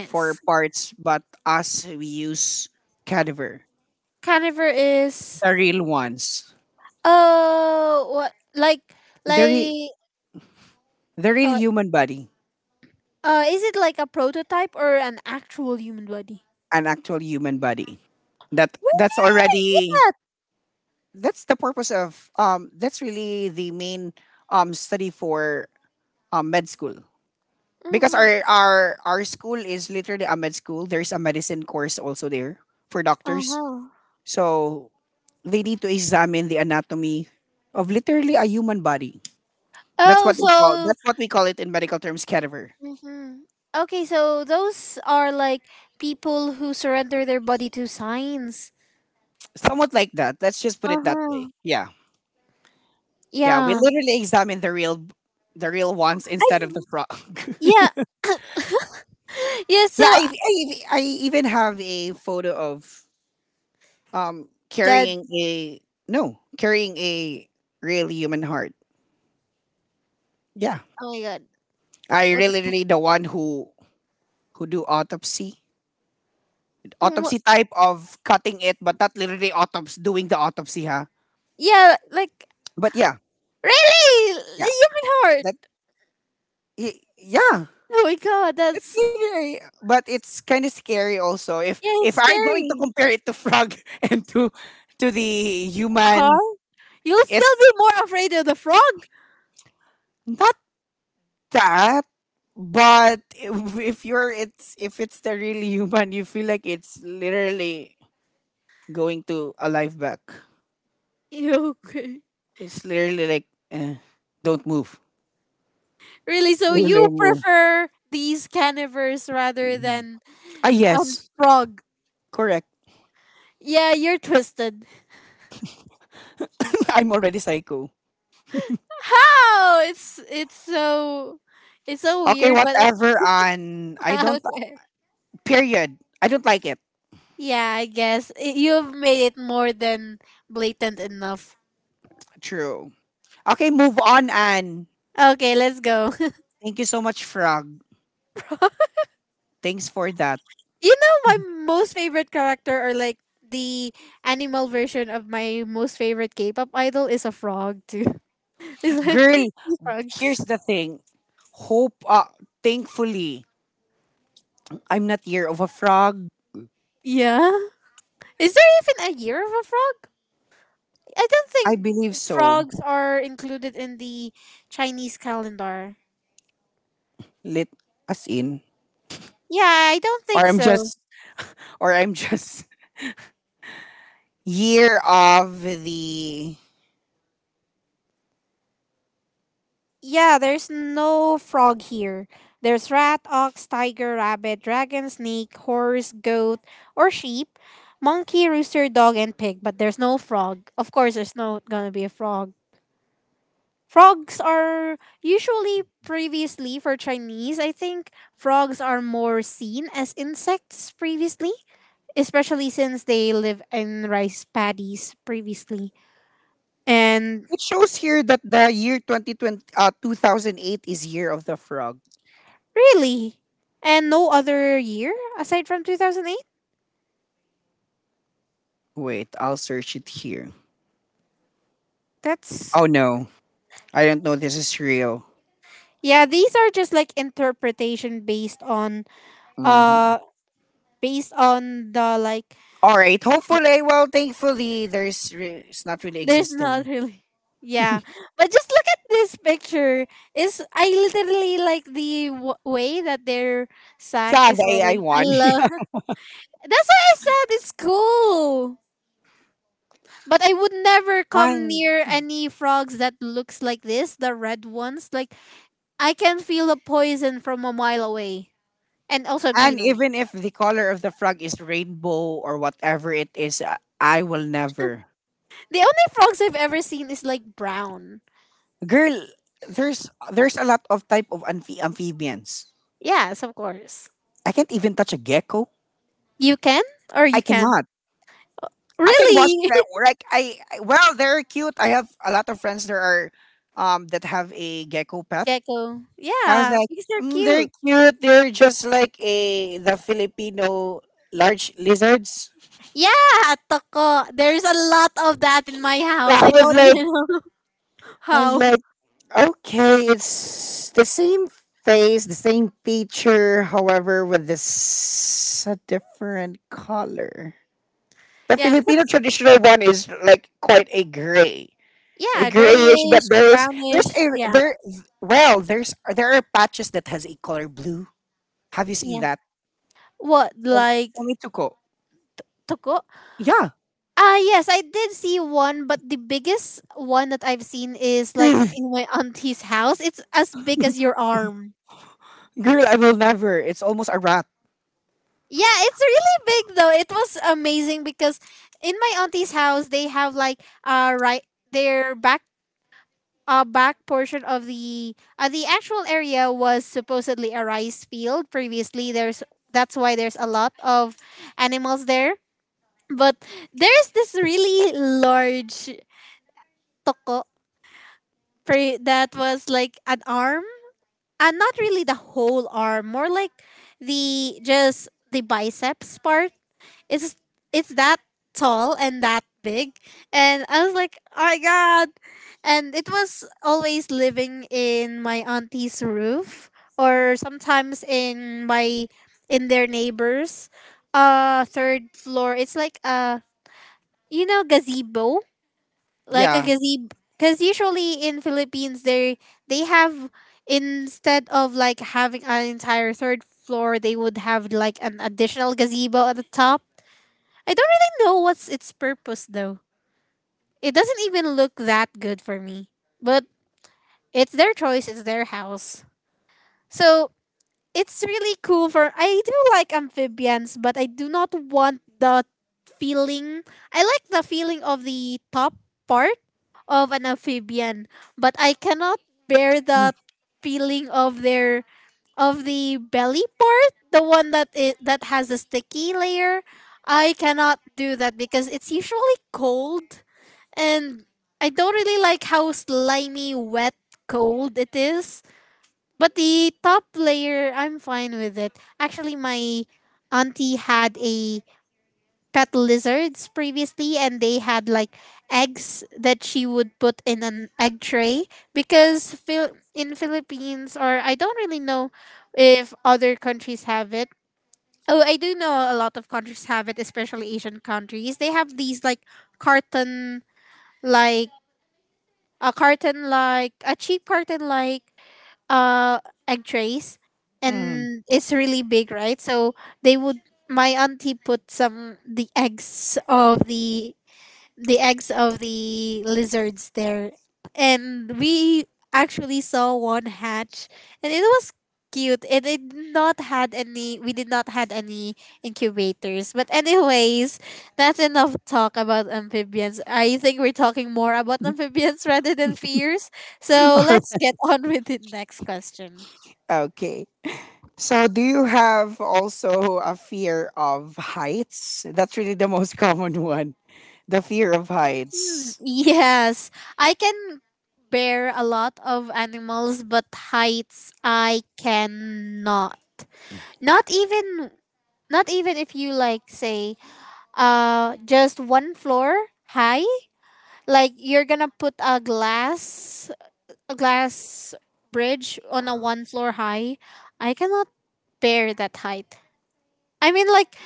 Speaker 1: for parts, but us we use cadaver,
Speaker 2: Caniver is
Speaker 1: the real ones,
Speaker 2: what
Speaker 1: the re-
Speaker 2: like
Speaker 1: the real
Speaker 2: uh,
Speaker 1: human body,
Speaker 2: is it like a prototype or an actual human body?
Speaker 1: an actual human body. That
Speaker 2: What?
Speaker 1: that's already that's really the main study for med school
Speaker 2: Uh
Speaker 1: because
Speaker 2: huh.
Speaker 1: our school is literally a med school. There's a medicine course also there for
Speaker 2: Uh
Speaker 1: doctors,
Speaker 2: huh.
Speaker 1: so they need to examine the anatomy of literally a human body.
Speaker 2: Oh, so
Speaker 1: That's what we call it in medical terms, cadaver.
Speaker 2: Mm-hmm. Okay, so those are like people who surrender their body to science.
Speaker 1: Somewhat like that. Let's just put it that way.
Speaker 2: Uh-huh.
Speaker 1: Yeah, yeah. We
Speaker 2: Yeah.
Speaker 1: literally examine the real ones instead
Speaker 2: I
Speaker 1: of the frog.
Speaker 2: yeah. Yeah,
Speaker 1: yeah,
Speaker 2: so
Speaker 1: I, I I even have a photo of
Speaker 2: that
Speaker 1: carrying a no carrying a real human heart. Yeah,
Speaker 2: oh my god.
Speaker 1: I
Speaker 2: What the
Speaker 1: really
Speaker 2: fuck?
Speaker 1: really the one who do autopsy
Speaker 2: Oh, wha-
Speaker 1: autopsy type of cutting it, but not literally autopsy doing the autopsy, huh?
Speaker 2: yeah, like
Speaker 1: But yeah,
Speaker 2: really.
Speaker 1: yeah.
Speaker 2: The human
Speaker 1: That
Speaker 2: heart.
Speaker 1: yeah,
Speaker 2: Oh my god,
Speaker 1: it's
Speaker 2: that's
Speaker 1: literally, but it's kind of scary also. If
Speaker 2: yeah,
Speaker 1: if
Speaker 2: it's
Speaker 1: I'm going to
Speaker 2: scary.
Speaker 1: compare it to frog and to the human,
Speaker 2: Huh? You'll still
Speaker 1: it's
Speaker 2: be more afraid of the frog.
Speaker 1: not that. But if you're it's if it's the real human, you feel like it's literally going to a life back.
Speaker 2: Yeah, okay.
Speaker 1: It's literally like eh, don't move.
Speaker 2: Really, so you
Speaker 1: Don't move.
Speaker 2: prefer these carnivores rather than
Speaker 1: Ah
Speaker 2: a
Speaker 1: yes,
Speaker 2: frog.
Speaker 1: correct.
Speaker 2: Yeah, you're twisted.
Speaker 1: I'm already psycho.
Speaker 2: How? It's so it's so
Speaker 1: Okay,
Speaker 2: weird, but
Speaker 1: whatever. On I don't
Speaker 2: about it.
Speaker 1: period. I don't like it.
Speaker 2: Yeah, I guess you've made it more than blatant enough.
Speaker 1: True. Okay, move on, Anne.
Speaker 2: Okay, let's go.
Speaker 1: Thank you so much, Frog. Thanks for that.
Speaker 2: You know my most favorite character or like the animal version of my most favorite K-pop idol is a frog too. It's like
Speaker 1: Girl, here's
Speaker 2: frogs.
Speaker 1: the thing. Hope, uh, thankfully, I'm not year of a frog.
Speaker 2: Yeah. Is there even a year of a frog? I don't
Speaker 1: I
Speaker 2: think
Speaker 1: believe so.
Speaker 2: frogs are included in the Chinese calendar.
Speaker 1: Lit as in.
Speaker 2: Yeah, I don't
Speaker 1: Or
Speaker 2: think
Speaker 1: I'm
Speaker 2: so.
Speaker 1: just, or I'm just year of the.
Speaker 2: Yeah, there's no frog here. There's rat, ox, tiger, rabbit, dragon, snake, horse, goat, or sheep, monkey, rooster, dog, and pig, but there's no frog. Of course, there's not gonna be a frog. Frogs are usually previously for Chinese, I think, frogs are more seen as insects previously, especially since they live in rice paddies previously. And
Speaker 1: It shows here that the year 2020, 2008 is year of the frog.
Speaker 2: really, and no other year aside from 2008?
Speaker 1: Wait, I'll search it here.
Speaker 2: That's
Speaker 1: Oh no, I don't know. This is real.
Speaker 2: yeah, these are just like interpretation based on
Speaker 1: Mhm.
Speaker 2: uh based on the like
Speaker 1: All right.
Speaker 2: but
Speaker 1: Hopefully, well, thankfully, there's it's not really
Speaker 2: there's not
Speaker 1: existing.
Speaker 2: really yeah. But just look at this picture. Is I literally like the w- way that their sack
Speaker 1: Yeah,
Speaker 2: is
Speaker 1: the AI
Speaker 2: rolling. I
Speaker 1: one.
Speaker 2: love. That's why I said it's cool. But I would never come
Speaker 1: and
Speaker 2: near any frogs that looks like this, the red ones. Like I can feel the poison from a mile away and also
Speaker 1: and
Speaker 2: green.
Speaker 1: even if the color of the frog is rainbow or whatever it is, I will never.
Speaker 2: The only frogs I've ever seen is like brown.
Speaker 1: Girl, there's a lot of type of amphibians.
Speaker 2: Yes, of course.
Speaker 1: I can't even touch a gecko.
Speaker 2: You can or
Speaker 1: I
Speaker 2: you can.
Speaker 1: cannot. I can watch
Speaker 2: Really?
Speaker 1: that. They're cute. I have a lot of friends that are, that have a gecko pet.
Speaker 2: Gecko.
Speaker 1: I was
Speaker 2: Yeah,
Speaker 1: like,
Speaker 2: because they're
Speaker 1: mm, they're
Speaker 2: cute.
Speaker 1: cute. They're just like a the Filipino large lizards.
Speaker 2: Yeah, toko. There's a lot of that in my
Speaker 1: So
Speaker 2: house.
Speaker 1: I
Speaker 2: I
Speaker 1: was
Speaker 2: don't
Speaker 1: like,
Speaker 2: even know
Speaker 1: I was
Speaker 2: how.
Speaker 1: like, okay, it's the same face, the same feature, however, with this a different color. The
Speaker 2: Yeah.
Speaker 1: Filipino traditional one is like quite a gray, a
Speaker 2: Yeah,
Speaker 1: grayish, but
Speaker 2: grayish,
Speaker 1: there is
Speaker 2: brownish.
Speaker 1: there's a
Speaker 2: Yeah.
Speaker 1: there well there's there are patches that has a color blue. Have you seen
Speaker 2: Yeah.
Speaker 1: that?
Speaker 2: What
Speaker 1: From
Speaker 2: like
Speaker 1: from Ituko.
Speaker 2: toko?
Speaker 1: Yeah.
Speaker 2: Ah, yes, I did see one, but the biggest one that I've seen is like in my auntie's house. It's as big as your arm.
Speaker 1: Girl, I will never. It's almost a rat.
Speaker 2: Yeah, it's really big though. It was amazing because in my auntie's house they have like right their back back portion of the actual area was supposedly a rice field previously. There's that's why there's a lot of animals there. But there's this really large toko that was like an arm. And not really the whole arm, more like the just the biceps part, it's it's that tall and that big, and I was like oh my god, and it was always living in my auntie's roof or sometimes in my in their neighbors third floor. It's like a you know gazebo, like a
Speaker 1: Yeah.
Speaker 2: gazebo because usually in Philippines they have instead of like having an entire third floor they would have like an additional gazebo at the top. I don't really know what's its purpose though. It doesn't even look that good for me. But it's their choice, it's their house. So it's really cool for I do like amphibians, but I do not want the feeling. I like the feeling of the top part of an amphibian, but I cannot bear
Speaker 1: Mm.
Speaker 2: the feeling of their of the belly part, the one that it, that has the sticky layer. I cannot do that because it's usually cold. And I don't really like how slimy, wet, cold it is. But the top layer, I'm fine with it. Actually, my auntie had a pet lizards previously, and they had like eggs that she would put in an egg tray because Phil- in Philippines, or I don't really know if other countries have it. Oh, I do know a lot of countries have it, especially Asian countries. They have these like carton like carton like a cheap carton like uh egg trays,
Speaker 1: Mm.
Speaker 2: and it's really big right? So they would my auntie put some the eggs of the eggs of the lizards there, and we actually saw one hatch, and it was cute. It did not had any, we did not had any incubators. But anyways, that's enough talk about amphibians. I think we're talking more about amphibians rather than fears, so let's get on with the next question.
Speaker 1: Okay. So, do you have also a fear of heights? That's really the most common one. The fear of
Speaker 2: Hmm,
Speaker 1: heights.
Speaker 2: yes, I can bear a lot of animals but heights I cannot. Not even, not even if you like say just one floor high, like you're going to put a glass, a glass bridge on a one floor high. I cannot bear that height. I mean like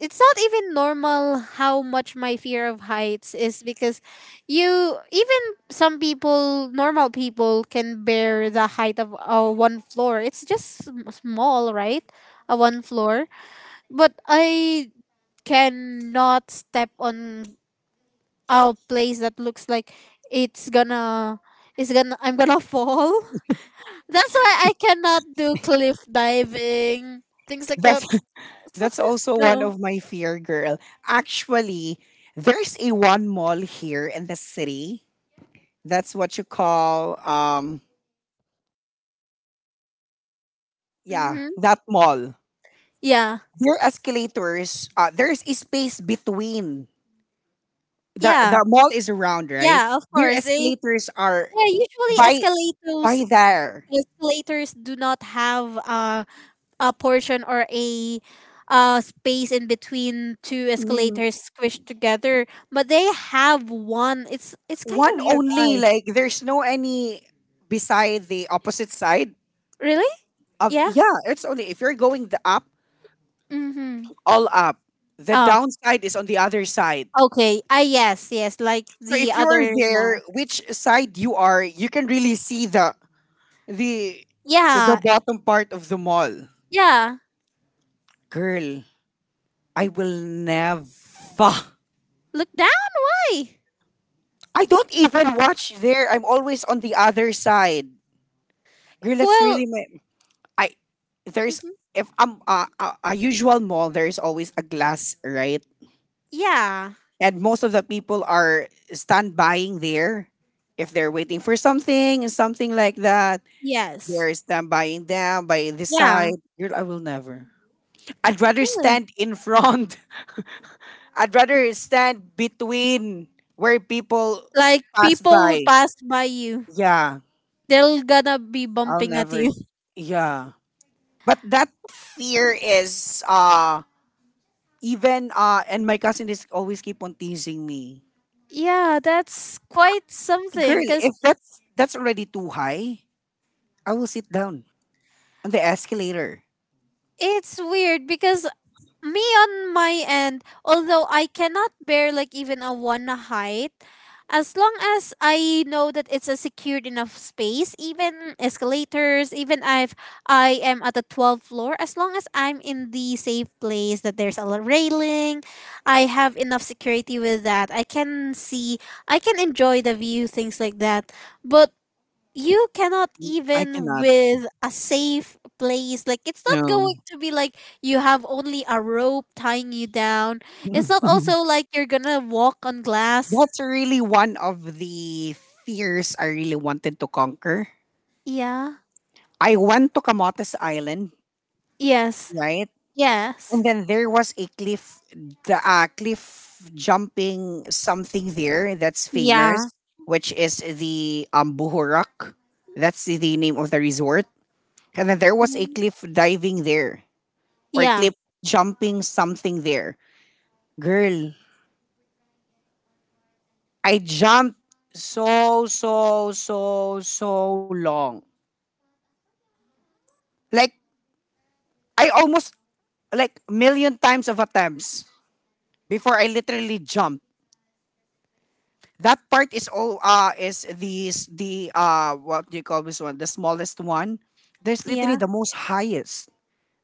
Speaker 2: it's not even normal how much my fear of heights is because you even some people, normal people, can bear the height of a one floor, it's just small right? A one floor, but I cannot step on a place that looks like it's gonna I'm gonna fall. That's why I cannot do cliff diving, things like that.
Speaker 1: That's that's also one
Speaker 2: No.
Speaker 1: of my fear, girl. Actually, there's a one mall here in the city. That's what you call yeah,
Speaker 2: Mm-hmm.
Speaker 1: that mall.
Speaker 2: Yeah.
Speaker 1: Their escalators, there's a space between the
Speaker 2: Yeah.
Speaker 1: the mall is around, right?
Speaker 2: Yeah. Of
Speaker 1: Their
Speaker 2: course they.
Speaker 1: escalators are
Speaker 2: Yeah. Usually
Speaker 1: by
Speaker 2: escalators
Speaker 1: by there.
Speaker 2: do not have a portion or a space in between two
Speaker 1: Mm,
Speaker 2: escalators squished together, but they have one. It's kind
Speaker 1: one
Speaker 2: of weird.
Speaker 1: only,
Speaker 2: Why?
Speaker 1: like there's no any beside the opposite side
Speaker 2: Really?
Speaker 1: of
Speaker 2: Yeah.
Speaker 1: yeah, it's only if you're going the up,
Speaker 2: Mm-hmm.
Speaker 1: all up. The
Speaker 2: Oh,
Speaker 1: downside is on the other side.
Speaker 2: okay. Ah, yes, yes. Like
Speaker 1: So
Speaker 2: the
Speaker 1: if you're
Speaker 2: other one.
Speaker 1: there, which side you are, you can really see the the
Speaker 2: Yeah,
Speaker 1: bottom part of the mall.
Speaker 2: yeah.
Speaker 1: Girl, I will never.
Speaker 2: Look, die.
Speaker 1: I don't even watch there. I'm always on the other side. Girl, that's
Speaker 2: Well,
Speaker 1: really my. I there's
Speaker 2: mhm.
Speaker 1: if I'm a usual mall. There's always a glass, right?
Speaker 2: Yeah,
Speaker 1: And most of the people are standbying there. If they're waiting for something and something like that,
Speaker 2: yes,
Speaker 1: they're standbying down by the
Speaker 2: yeah.
Speaker 1: side. Girl, I will never. I'd rather
Speaker 2: Really?
Speaker 1: stand in front. I'd rather stand between where people
Speaker 2: Like
Speaker 1: pass
Speaker 2: people would
Speaker 1: by.
Speaker 2: pass by you.
Speaker 1: Yeah.
Speaker 2: They're gonna be
Speaker 1: I'll
Speaker 2: bumping at
Speaker 1: never.
Speaker 2: you.
Speaker 1: Yeah. But that fear is even and my cousin is always keep on teasing me.
Speaker 2: Yeah, that's quite
Speaker 1: Girl,
Speaker 2: something. Cause
Speaker 1: if that's already too high, I will sit down on the escalator.
Speaker 2: it's weird because me on my end, although I cannot bear like even a one height, as long as I know that it's a secured enough space, even escalators, even if I am at the 12th floor, as long as I'm in the safe place that there's a railing, I have enough security with that. I can see, I can enjoy the view, things like that. But you cannot
Speaker 1: I
Speaker 2: even
Speaker 1: cannot.
Speaker 2: with a safe place, like it's not
Speaker 1: No.
Speaker 2: going to be like you have only a rope tying you down, it's not also like you're gonna walk on glass.
Speaker 1: that's really one of the fears I really wanted to conquer.
Speaker 2: Yeah,
Speaker 1: I went to Camotes Island,
Speaker 2: yes,
Speaker 1: right? And
Speaker 2: yes,
Speaker 1: then there was a cliff, the cliff jumping something there that's
Speaker 2: yeah,
Speaker 1: famous, which is the buhorak, that's the name of the resort. And then there was a cliff diving there, or
Speaker 2: yeah,
Speaker 1: cliff jumping something there. Girl, I jumped so so so so long, like I almost like million times of attempts before I literally jumped. That part is all is the s- the what do you call this one? The smallest one. There's literally
Speaker 2: yeah,
Speaker 1: the most highest.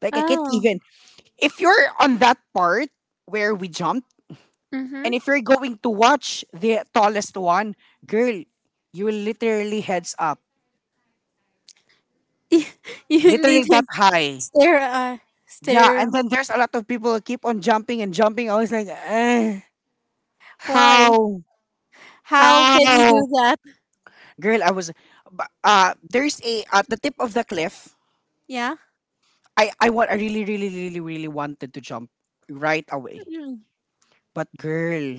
Speaker 1: Like I can't even
Speaker 2: oh
Speaker 1: if you're on that part where we jumped,
Speaker 2: mm-hmm.
Speaker 1: and if you're going to watch the tallest one, girl, you will literally heads up.
Speaker 2: You need
Speaker 1: Literally
Speaker 2: to
Speaker 1: that high.
Speaker 2: stare
Speaker 1: Yeah,
Speaker 2: stare
Speaker 1: and then there's a lot of people who keep on jumping and jumping. I was like, eh,
Speaker 2: why
Speaker 1: how?
Speaker 2: how can you do
Speaker 1: How?
Speaker 2: that?
Speaker 1: Girl, I was, bu- there's a, at the tip of the cliff,
Speaker 2: Yeah.
Speaker 1: I really really really really wanted to jump right away.
Speaker 2: Mm.
Speaker 1: But girl,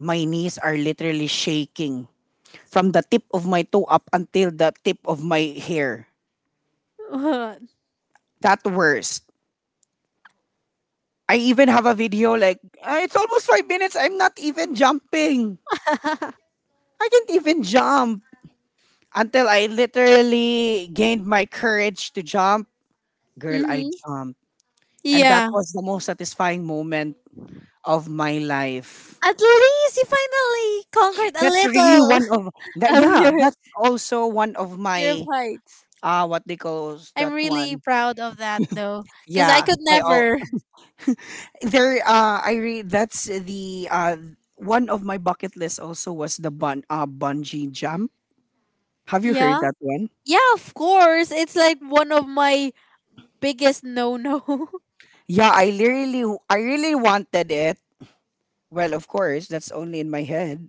Speaker 1: my knees are literally shaking from the tip of my toe up until the tip of my hair.
Speaker 2: What?
Speaker 1: That worst. I even have a video like "Ah, it's almost 5 minutes I'm not even jumping. I can't even jump until I literally gained my courage to jump. Girl, I
Speaker 2: mm-hmm.
Speaker 1: jumped. And that
Speaker 2: Yeah,
Speaker 1: was the most satisfying moment of my life.
Speaker 2: at least you finally conquered a
Speaker 1: That's really
Speaker 2: little
Speaker 1: one of that.
Speaker 2: of
Speaker 1: Yeah,
Speaker 2: your
Speaker 1: that's also one of my
Speaker 2: flights.
Speaker 1: what they call
Speaker 2: I'm
Speaker 1: that
Speaker 2: really
Speaker 1: one.
Speaker 2: proud of that though, because I
Speaker 1: Yeah,
Speaker 2: could
Speaker 1: I all
Speaker 2: never.
Speaker 1: there. I re that's the one of my bucket list also was the bungee jump. Have you heard
Speaker 2: Yeah,
Speaker 1: that one?
Speaker 2: yeah, of course. It's like one of my biggest no no.
Speaker 1: Yeah, I really wanted it. Well, of course, that's only in my head.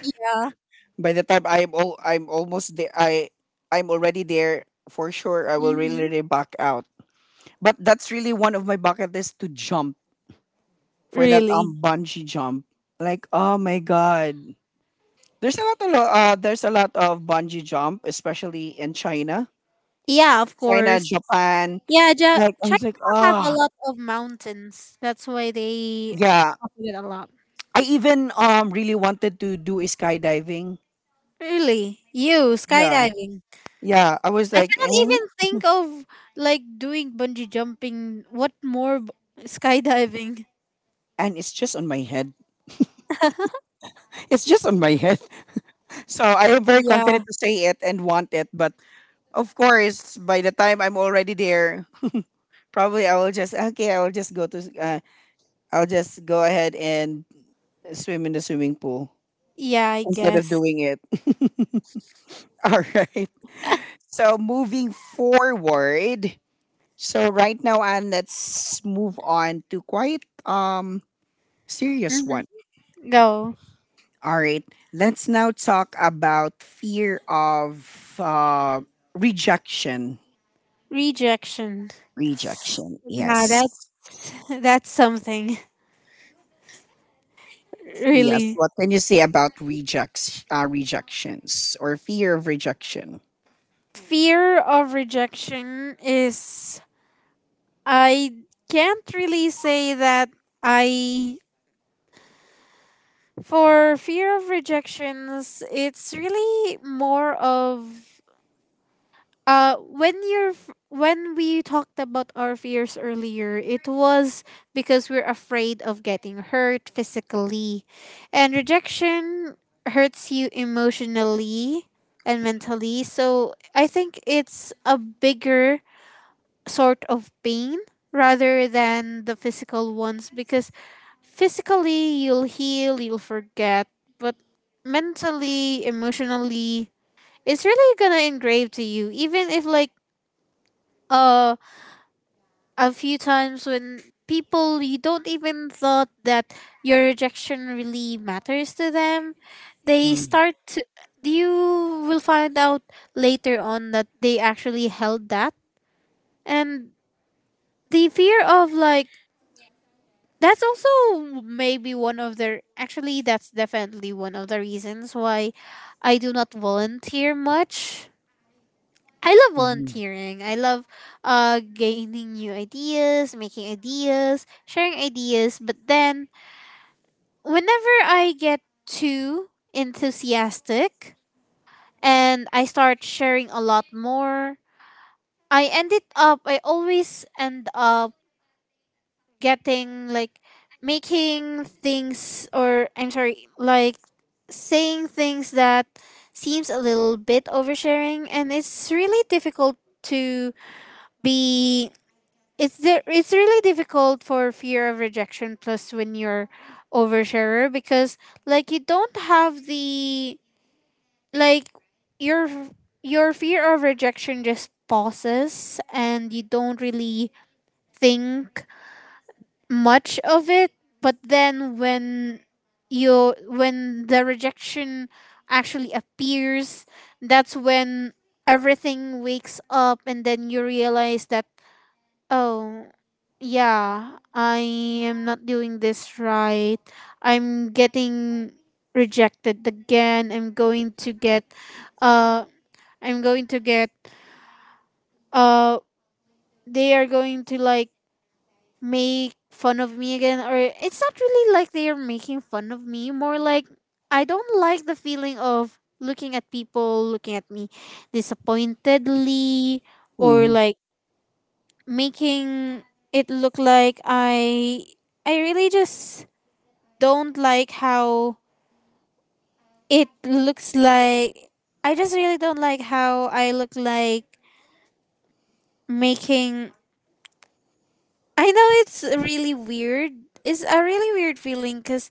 Speaker 2: Yeah.
Speaker 1: By the time I'm all I'm almost there, I I'm already there for sure. I will really,
Speaker 2: Hmm.
Speaker 1: really back out. But that's really one of my bucket list to jump for that
Speaker 2: Really.
Speaker 1: bungee jump. Like oh my god, there's a lot of there's a lot of bungee jump, especially in China,
Speaker 2: Yeah, of
Speaker 1: China,
Speaker 2: course.
Speaker 1: Japan.
Speaker 2: Yeah,
Speaker 1: Like I
Speaker 2: China
Speaker 1: was like
Speaker 2: have a
Speaker 1: oh
Speaker 2: lot of mountains. That's why they
Speaker 1: yeah,
Speaker 2: do it a lot.
Speaker 1: I even really wanted to do a skydiving.
Speaker 2: Really, you
Speaker 1: Yeah,
Speaker 2: skydiving.
Speaker 1: yeah, I was
Speaker 2: I
Speaker 1: like eh?
Speaker 2: cannot even think of like doing bungee jumping. What more skydiving?
Speaker 1: And it's just on my head. It's just on my head. So I am very
Speaker 2: Yeah,
Speaker 1: confident to say it and want it, but of course by the time I'm already there, probably I will just okay, I will just go to I'll just go ahead and swim in the swimming pool
Speaker 2: yeah, I
Speaker 1: instead of
Speaker 2: guess.
Speaker 1: doing it. All right. So moving forward. So right now, and let's move on to quite serious
Speaker 2: Hmm.
Speaker 1: one.
Speaker 2: Go.
Speaker 1: All right. Let's now talk about fear of rejection.
Speaker 2: Rejection.
Speaker 1: Rejection.
Speaker 2: Yeah, that's
Speaker 1: Yes.
Speaker 2: that's something
Speaker 1: Yes.
Speaker 2: really.
Speaker 1: What can you say about rejections, or fear of rejection?
Speaker 2: Fear of rejection is I can't really say that I for fear of rejections, it's really more of when when we talked about our fears earlier it was because we're afraid of getting hurt physically, and rejection hurts you emotionally and mentally, so I think it's a bigger sort of pain rather than the physical ones, because physically you'll heal, you'll forget, but mentally, emotionally, it's really gonna engrave to you. Even if like uh a few times when people you don't even thought that your rejection really matters to them, they
Speaker 1: Mm-hmm.
Speaker 2: start to, you will find out later on that they actually held that. And the fear of like, that's also maybe one of the actually that's definitely one of the reasons why I do not volunteer much. I love
Speaker 1: Mm-hmm.
Speaker 2: volunteering. I love gaining new ideas, making ideas, sharing ideas, but then whenever I get too enthusiastic and I start sharing a lot more, I always end up getting like making things, or I'm sorry, like saying things that seems a little bit oversharing, and it's really difficult to be, it's really difficult for fear of rejection plus when you're oversharer, because like you don't have the, like, your your fear of rejection just pauses and you don't really think much of it. But then when you when the rejection actually appears, that's when everything wakes up and then you realize that, oh, yeah, I am not doing this right. I'm getting rejected again. I'm going to get uh I'm going to get uh they are going to like make fun of me again. Or it's not really like they are making fun of me, more like I don't like the feeling of looking at people looking at me disappointedly, or
Speaker 1: Mm-hmm.
Speaker 2: like making it look like I really just don't like how it looks like. I just really don't like how I look like making. I know it's really weird. It's a really weird feeling cuz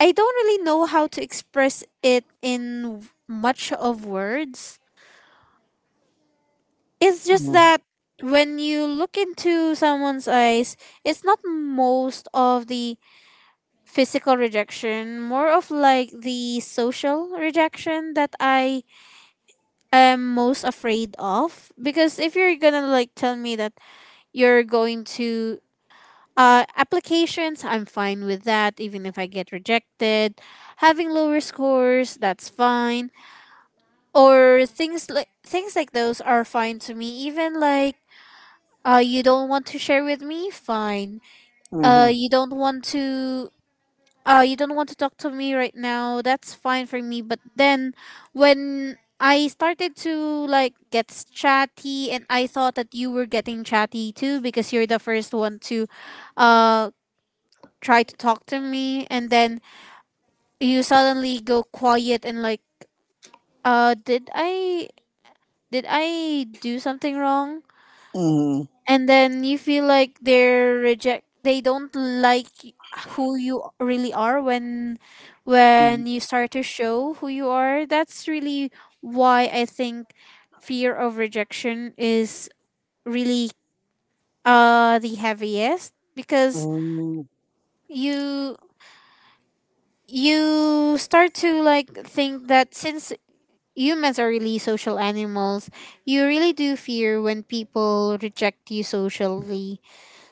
Speaker 2: I don't really know how to express it in much of words. It's just that when you look into someone's eyes, it's not most of the physical rejection, more of like the social rejection that I am most afraid of. Because if you're gonna like tell me that you're going to applications, I'm fine with that, even if I get rejected. Having lower scores, that's fine. Or things like those are fine to me. Even like you don't want to share with me, fine.
Speaker 1: Mm-hmm.
Speaker 2: You don't want to you don't want to talk to me right now. That's fine for me. But then when I started to like get chatty and I thought that you were getting chatty too because you're the first one to uh try to talk to me, and then you suddenly go quiet, and like did I, did I do something wrong?
Speaker 1: Mm,
Speaker 2: And then you feel like they don't like who you really are. When
Speaker 1: mm,
Speaker 2: you start to show who you are, that's really why I think fear of rejection is really the heaviest, because
Speaker 1: mm.
Speaker 2: you you start to like think that since humans are really social animals, you really do fear when people reject you socially.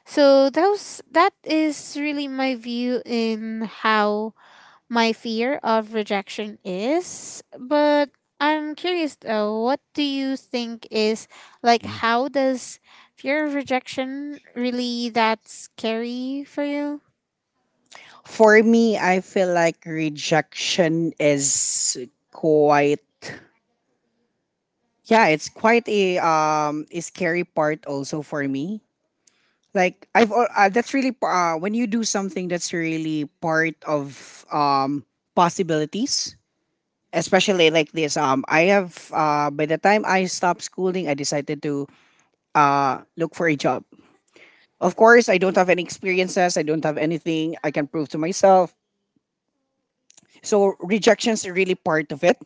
Speaker 2: So that is really my view in how my fear of rejection is. But I'm curious though, what do you think is, like, how does fear of rejection really that scary for you?
Speaker 1: For me, I feel like rejection is quite yeah, it's quite a scary part also for me. Like I've that's really when you do something that's really part of possibilities, especially like this. I have by the time I stopped schooling, I decided to look for a job. Of course, I don't have any experiences. I don't have anything I can prove to myself. So rejection's really part of it.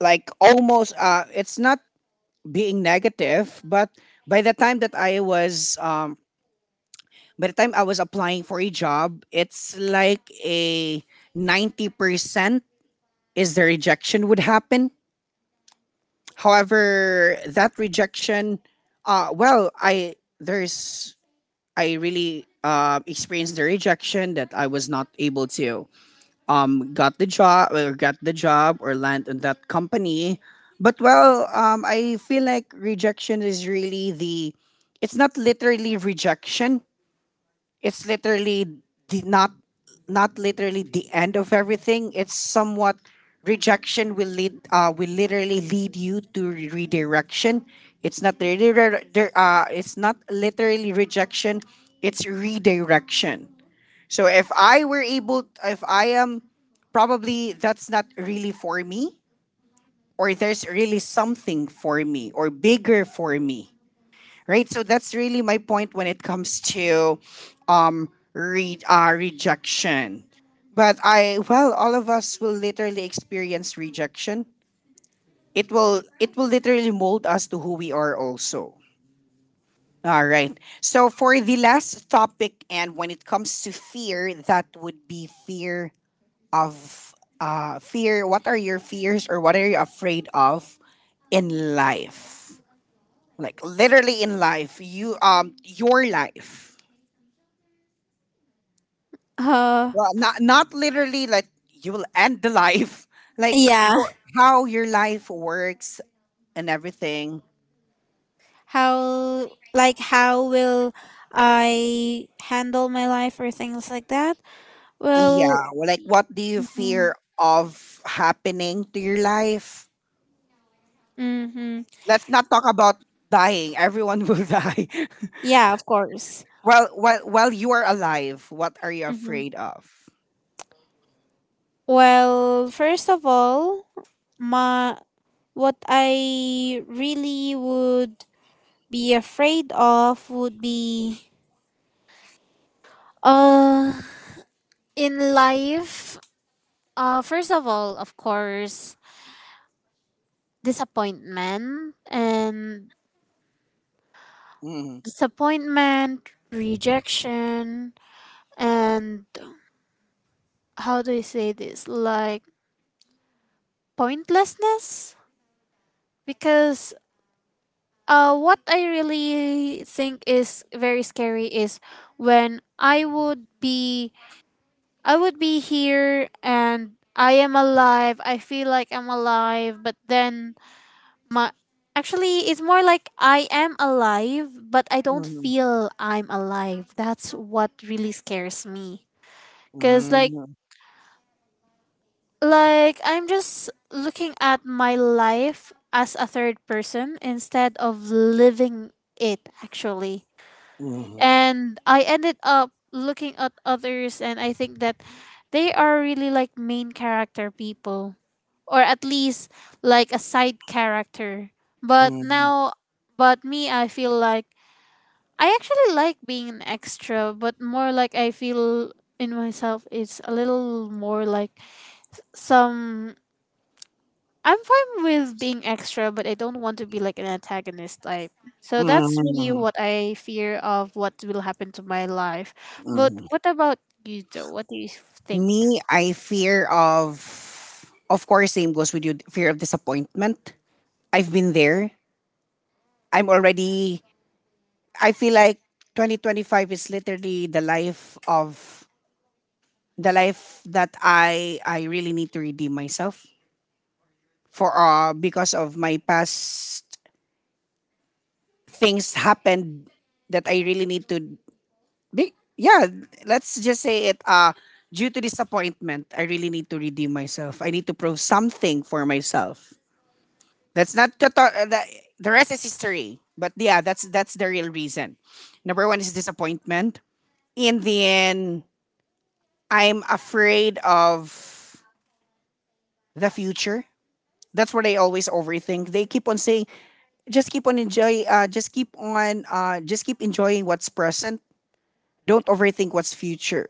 Speaker 1: Like almost, it's not being negative, but by the time that I was, um, by the time I was applying for a job, it's like a 90% is the rejection would happen. However, that rejection, uh, well, I there's I really experienced the rejection that I was not able to got the job or got the job or land on that company. But I feel like rejection is really the — it's not literally rejection, it's literally the not — not literally the end of everything. It's somewhat rejection will lead will literally lead you to redirection. It's not really it's not literally rejection, it's redirection. So if I am, probably that's not really for me, or there's really something for me, or bigger for me, right? So that's really my point when it comes to rejection. But all of us will literally experience rejection. It will literally mold us to who we are also. All right. So for the last topic, and when it comes to fear, that would be fear of fear? What are your fears or what are you afraid of in life? Like literally in life, your life.
Speaker 2: Uh,
Speaker 1: Well, not literally like you will end the life, like
Speaker 2: yeah.
Speaker 1: your — how your life works and everything.
Speaker 2: How, like how will I handle my life or things like that? Well,
Speaker 1: Yeah, well, like what do you
Speaker 2: mhm.
Speaker 1: fear of happening to your life?
Speaker 2: Mm-hmm.
Speaker 1: Let's not talk about dying. Everyone will die.
Speaker 2: Yeah, of course.
Speaker 1: Well, while you are alive, what are you afraid of?
Speaker 2: Well, first of all, my what I really would be afraid of would be uh in life. Uh, first of all, of course, disappointment and
Speaker 1: Mhm.
Speaker 2: disappointment, rejection, and how do you say this? Like pointlessness, because what I really think is very scary is when I would be here and I am alive. I feel like I'm alive, but then my actually it's more like I am alive, but I don't
Speaker 1: Mhm.
Speaker 2: feel I'm alive. That's what really scares me. Cause like
Speaker 1: Mhm.
Speaker 2: like I'm just looking at my life as a third person instead of living it actually.
Speaker 1: Mhm.
Speaker 2: And I ended up looking at others, and I think that they are really like main character people, or at least like a side character, but
Speaker 1: Mhm.
Speaker 2: now, but me, I feel like I actually like being an extra, but more like I feel in myself it's a little more like some, I'm fine with being extra, but I don't want to be like an antagonist type. So that's really
Speaker 1: Mhm.
Speaker 2: what I fear of what will happen to my life. But
Speaker 1: Mhm.
Speaker 2: what about you, though? What do you think?
Speaker 1: Me, I fear of course, same goes with you, fear of disappointment. I've been there. I'm already — I feel like 2025 is literally the life of — the life that I really need to redeem myself for, because of my past things happened that I really need to — yeah, let's just say it. Due to disappointment, I really need to redeem myself. I need to prove something for myself. That's not the the rest is history. But yeah, that's the real reason. Number one is disappointment. In the end, I'm afraid of the future. That's what I always overthink. They keep on saying, just keep on just keep enjoying what's present. Don't overthink what's future.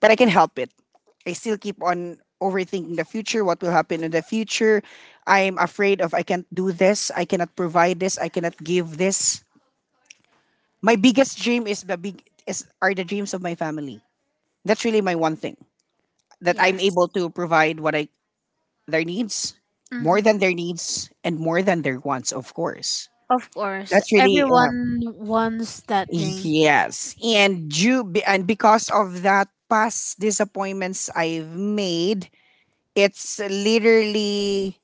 Speaker 1: But I can help it. I still keep on overthinking the future, what will happen in the future. I'm afraid of I can't do this, I cannot provide this, I cannot give this. My biggest dream is the big is are the dreams of my family. That's really my one thing that I'm
Speaker 2: Yes.
Speaker 1: able to provide what I — their needs, more
Speaker 2: Hmm.
Speaker 1: than their needs and more than their wants, of course.
Speaker 2: Of course.
Speaker 1: That's really
Speaker 2: Everyone wants that dream.
Speaker 1: yes. And because of that past disappointments I've made, it's literally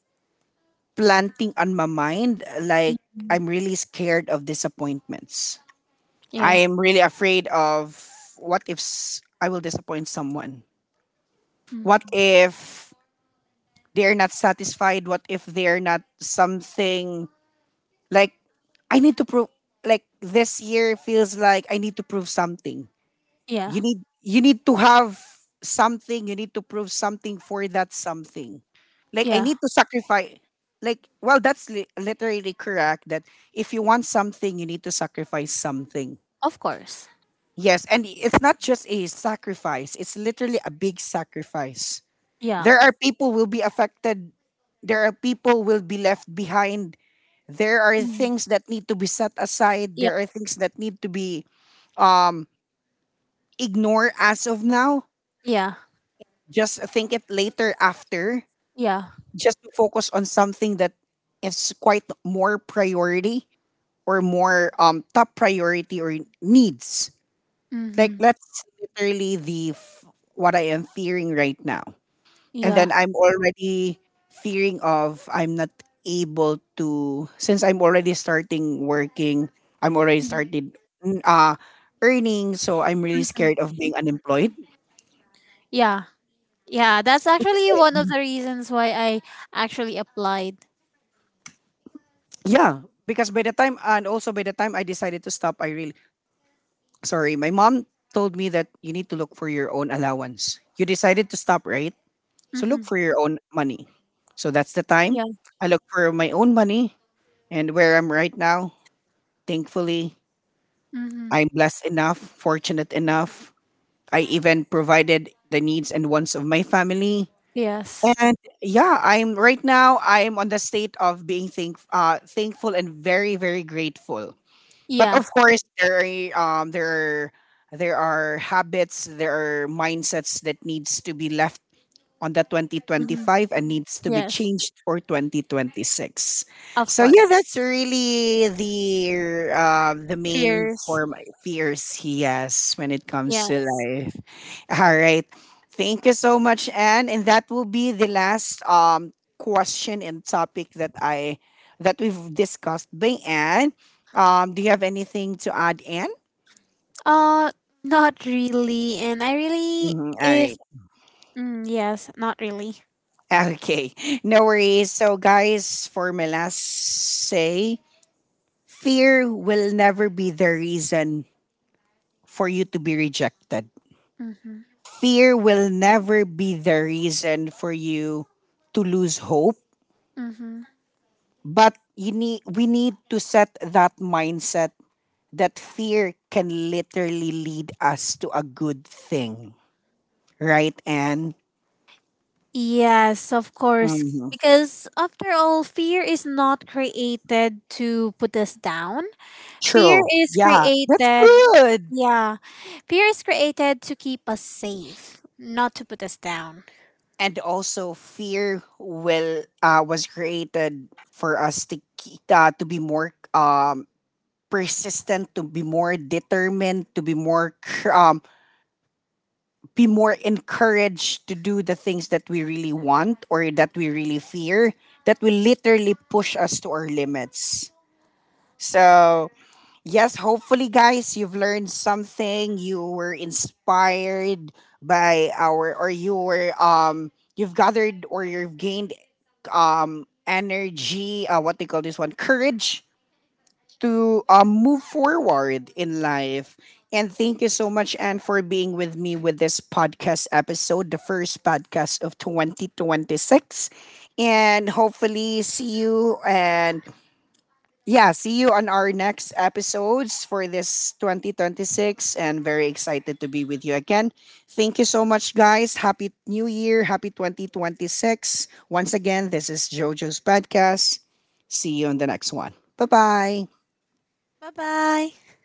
Speaker 1: planting on my mind like
Speaker 2: Mhm.
Speaker 1: I'm really scared of disappointments. I
Speaker 2: Yeah.
Speaker 1: am really afraid of — what if I will disappoint someone? What
Speaker 2: Mm.
Speaker 1: if they're not satisfied? What if they're not something, like I need to prove, like this year feels like I need to prove something.
Speaker 2: Yeah.
Speaker 1: You need to have something, you need to prove something for that something. Like I
Speaker 2: Yeah.
Speaker 1: need to sacrifice, like well that's literally correct that if you want something you need to sacrifice something.
Speaker 2: Of course.
Speaker 1: Yes, and it's not just a sacrifice, it's literally a big sacrifice.
Speaker 2: Yeah.
Speaker 1: There are people will be affected, there are people will be left behind. There are
Speaker 2: Mhm.
Speaker 1: things that need to be set aside,
Speaker 2: Yeah.
Speaker 1: there are things that need to be um ignored as of now.
Speaker 2: Yeah.
Speaker 1: Just think it later after,
Speaker 2: Yeah.
Speaker 1: just to focus on something that is quite more priority or more top priority or needs. Like
Speaker 2: Hmm.
Speaker 1: that's literally the what I am fearing right now. And
Speaker 2: Yeah.
Speaker 1: then I'm already fearing of I'm not able to, since I'm already starting working, I'm already
Speaker 2: Mhm.
Speaker 1: started mm, uh earning, so I'm really scared
Speaker 2: Mhm.
Speaker 1: of being unemployed.
Speaker 2: Yeah. Yeah, that's actually one of the reasons why I actually applied.
Speaker 1: Yeah, because by the time, and also by the time I decided to stop, I really — sorry, my mom told me that you need to look for your own allowance. You decided to stop, right? So look
Speaker 2: Mm-hmm.
Speaker 1: for your own money. So that's the time
Speaker 2: Yeah.
Speaker 1: I look for my own money, and where I'm right now, thankfully,
Speaker 2: Mm-hmm.
Speaker 1: I'm blessed enough, fortunate enough. I even provided the needs and wants of my family.
Speaker 2: Yes.
Speaker 1: And yeah, I'm right now I'm on the state of being thankful and very very grateful. But
Speaker 2: Yeah.
Speaker 1: of course, there are um there are there are habits, there are mindsets that needs to be left on the
Speaker 2: Mm-hmm.
Speaker 1: 2025 and needs to be
Speaker 2: Yes.
Speaker 1: changed for 2026.
Speaker 2: Of
Speaker 1: So yeah,
Speaker 2: course.
Speaker 1: that's really the main
Speaker 2: Fears.
Speaker 1: form, fears he has when it comes
Speaker 2: Yeah.
Speaker 1: to life. All right. Thank you so much, Anne. And that will be the last question and topic that I that we've discussed by Anne. Do you have anything to add, Anne?
Speaker 2: Uh, not really. And I really,
Speaker 1: Mhm, all
Speaker 2: if,
Speaker 1: right.
Speaker 2: mm, yes, not really.
Speaker 1: Okay. No worries. So guys, for my last say, fear will never be the reason for you to be rejected.
Speaker 2: Mm-hmm.
Speaker 1: Fear will never be the reason for you to lose hope.
Speaker 2: Mm-hmm.
Speaker 1: But you need we need to set that mindset that fear can literally lead us to a good thing. Right, Anne?
Speaker 2: Yes, of course.
Speaker 1: Hmm.
Speaker 2: Because after all, fear is not created to put us down. Fear
Speaker 1: True.
Speaker 2: is
Speaker 1: Yeah, that's
Speaker 2: created.
Speaker 1: good.
Speaker 2: Yeah. Fear is created to keep us safe, not to put us down.
Speaker 1: And also, fear will was created for us to to be more persistent, to be more determined, to be more be more encouraged to do the things that we really want or that we really fear, that will literally push us to our limits. So, yes, hopefully guys, you've learned something, you were inspired by our, or you've gathered or you've gained energy, what they call this one, courage to move forward in life. And thank you so much, Anne, for being with me with this podcast episode, the first podcast of 2026. And hopefully, see you, and yeah, see you on our next episodes for this 2026. And very excited to be with you again. Thank you so much, guys. Happy New Year. Happy 2026. Once again, this is JoJo's podcast. See you on the next one. Bye bye.
Speaker 2: Bye bye.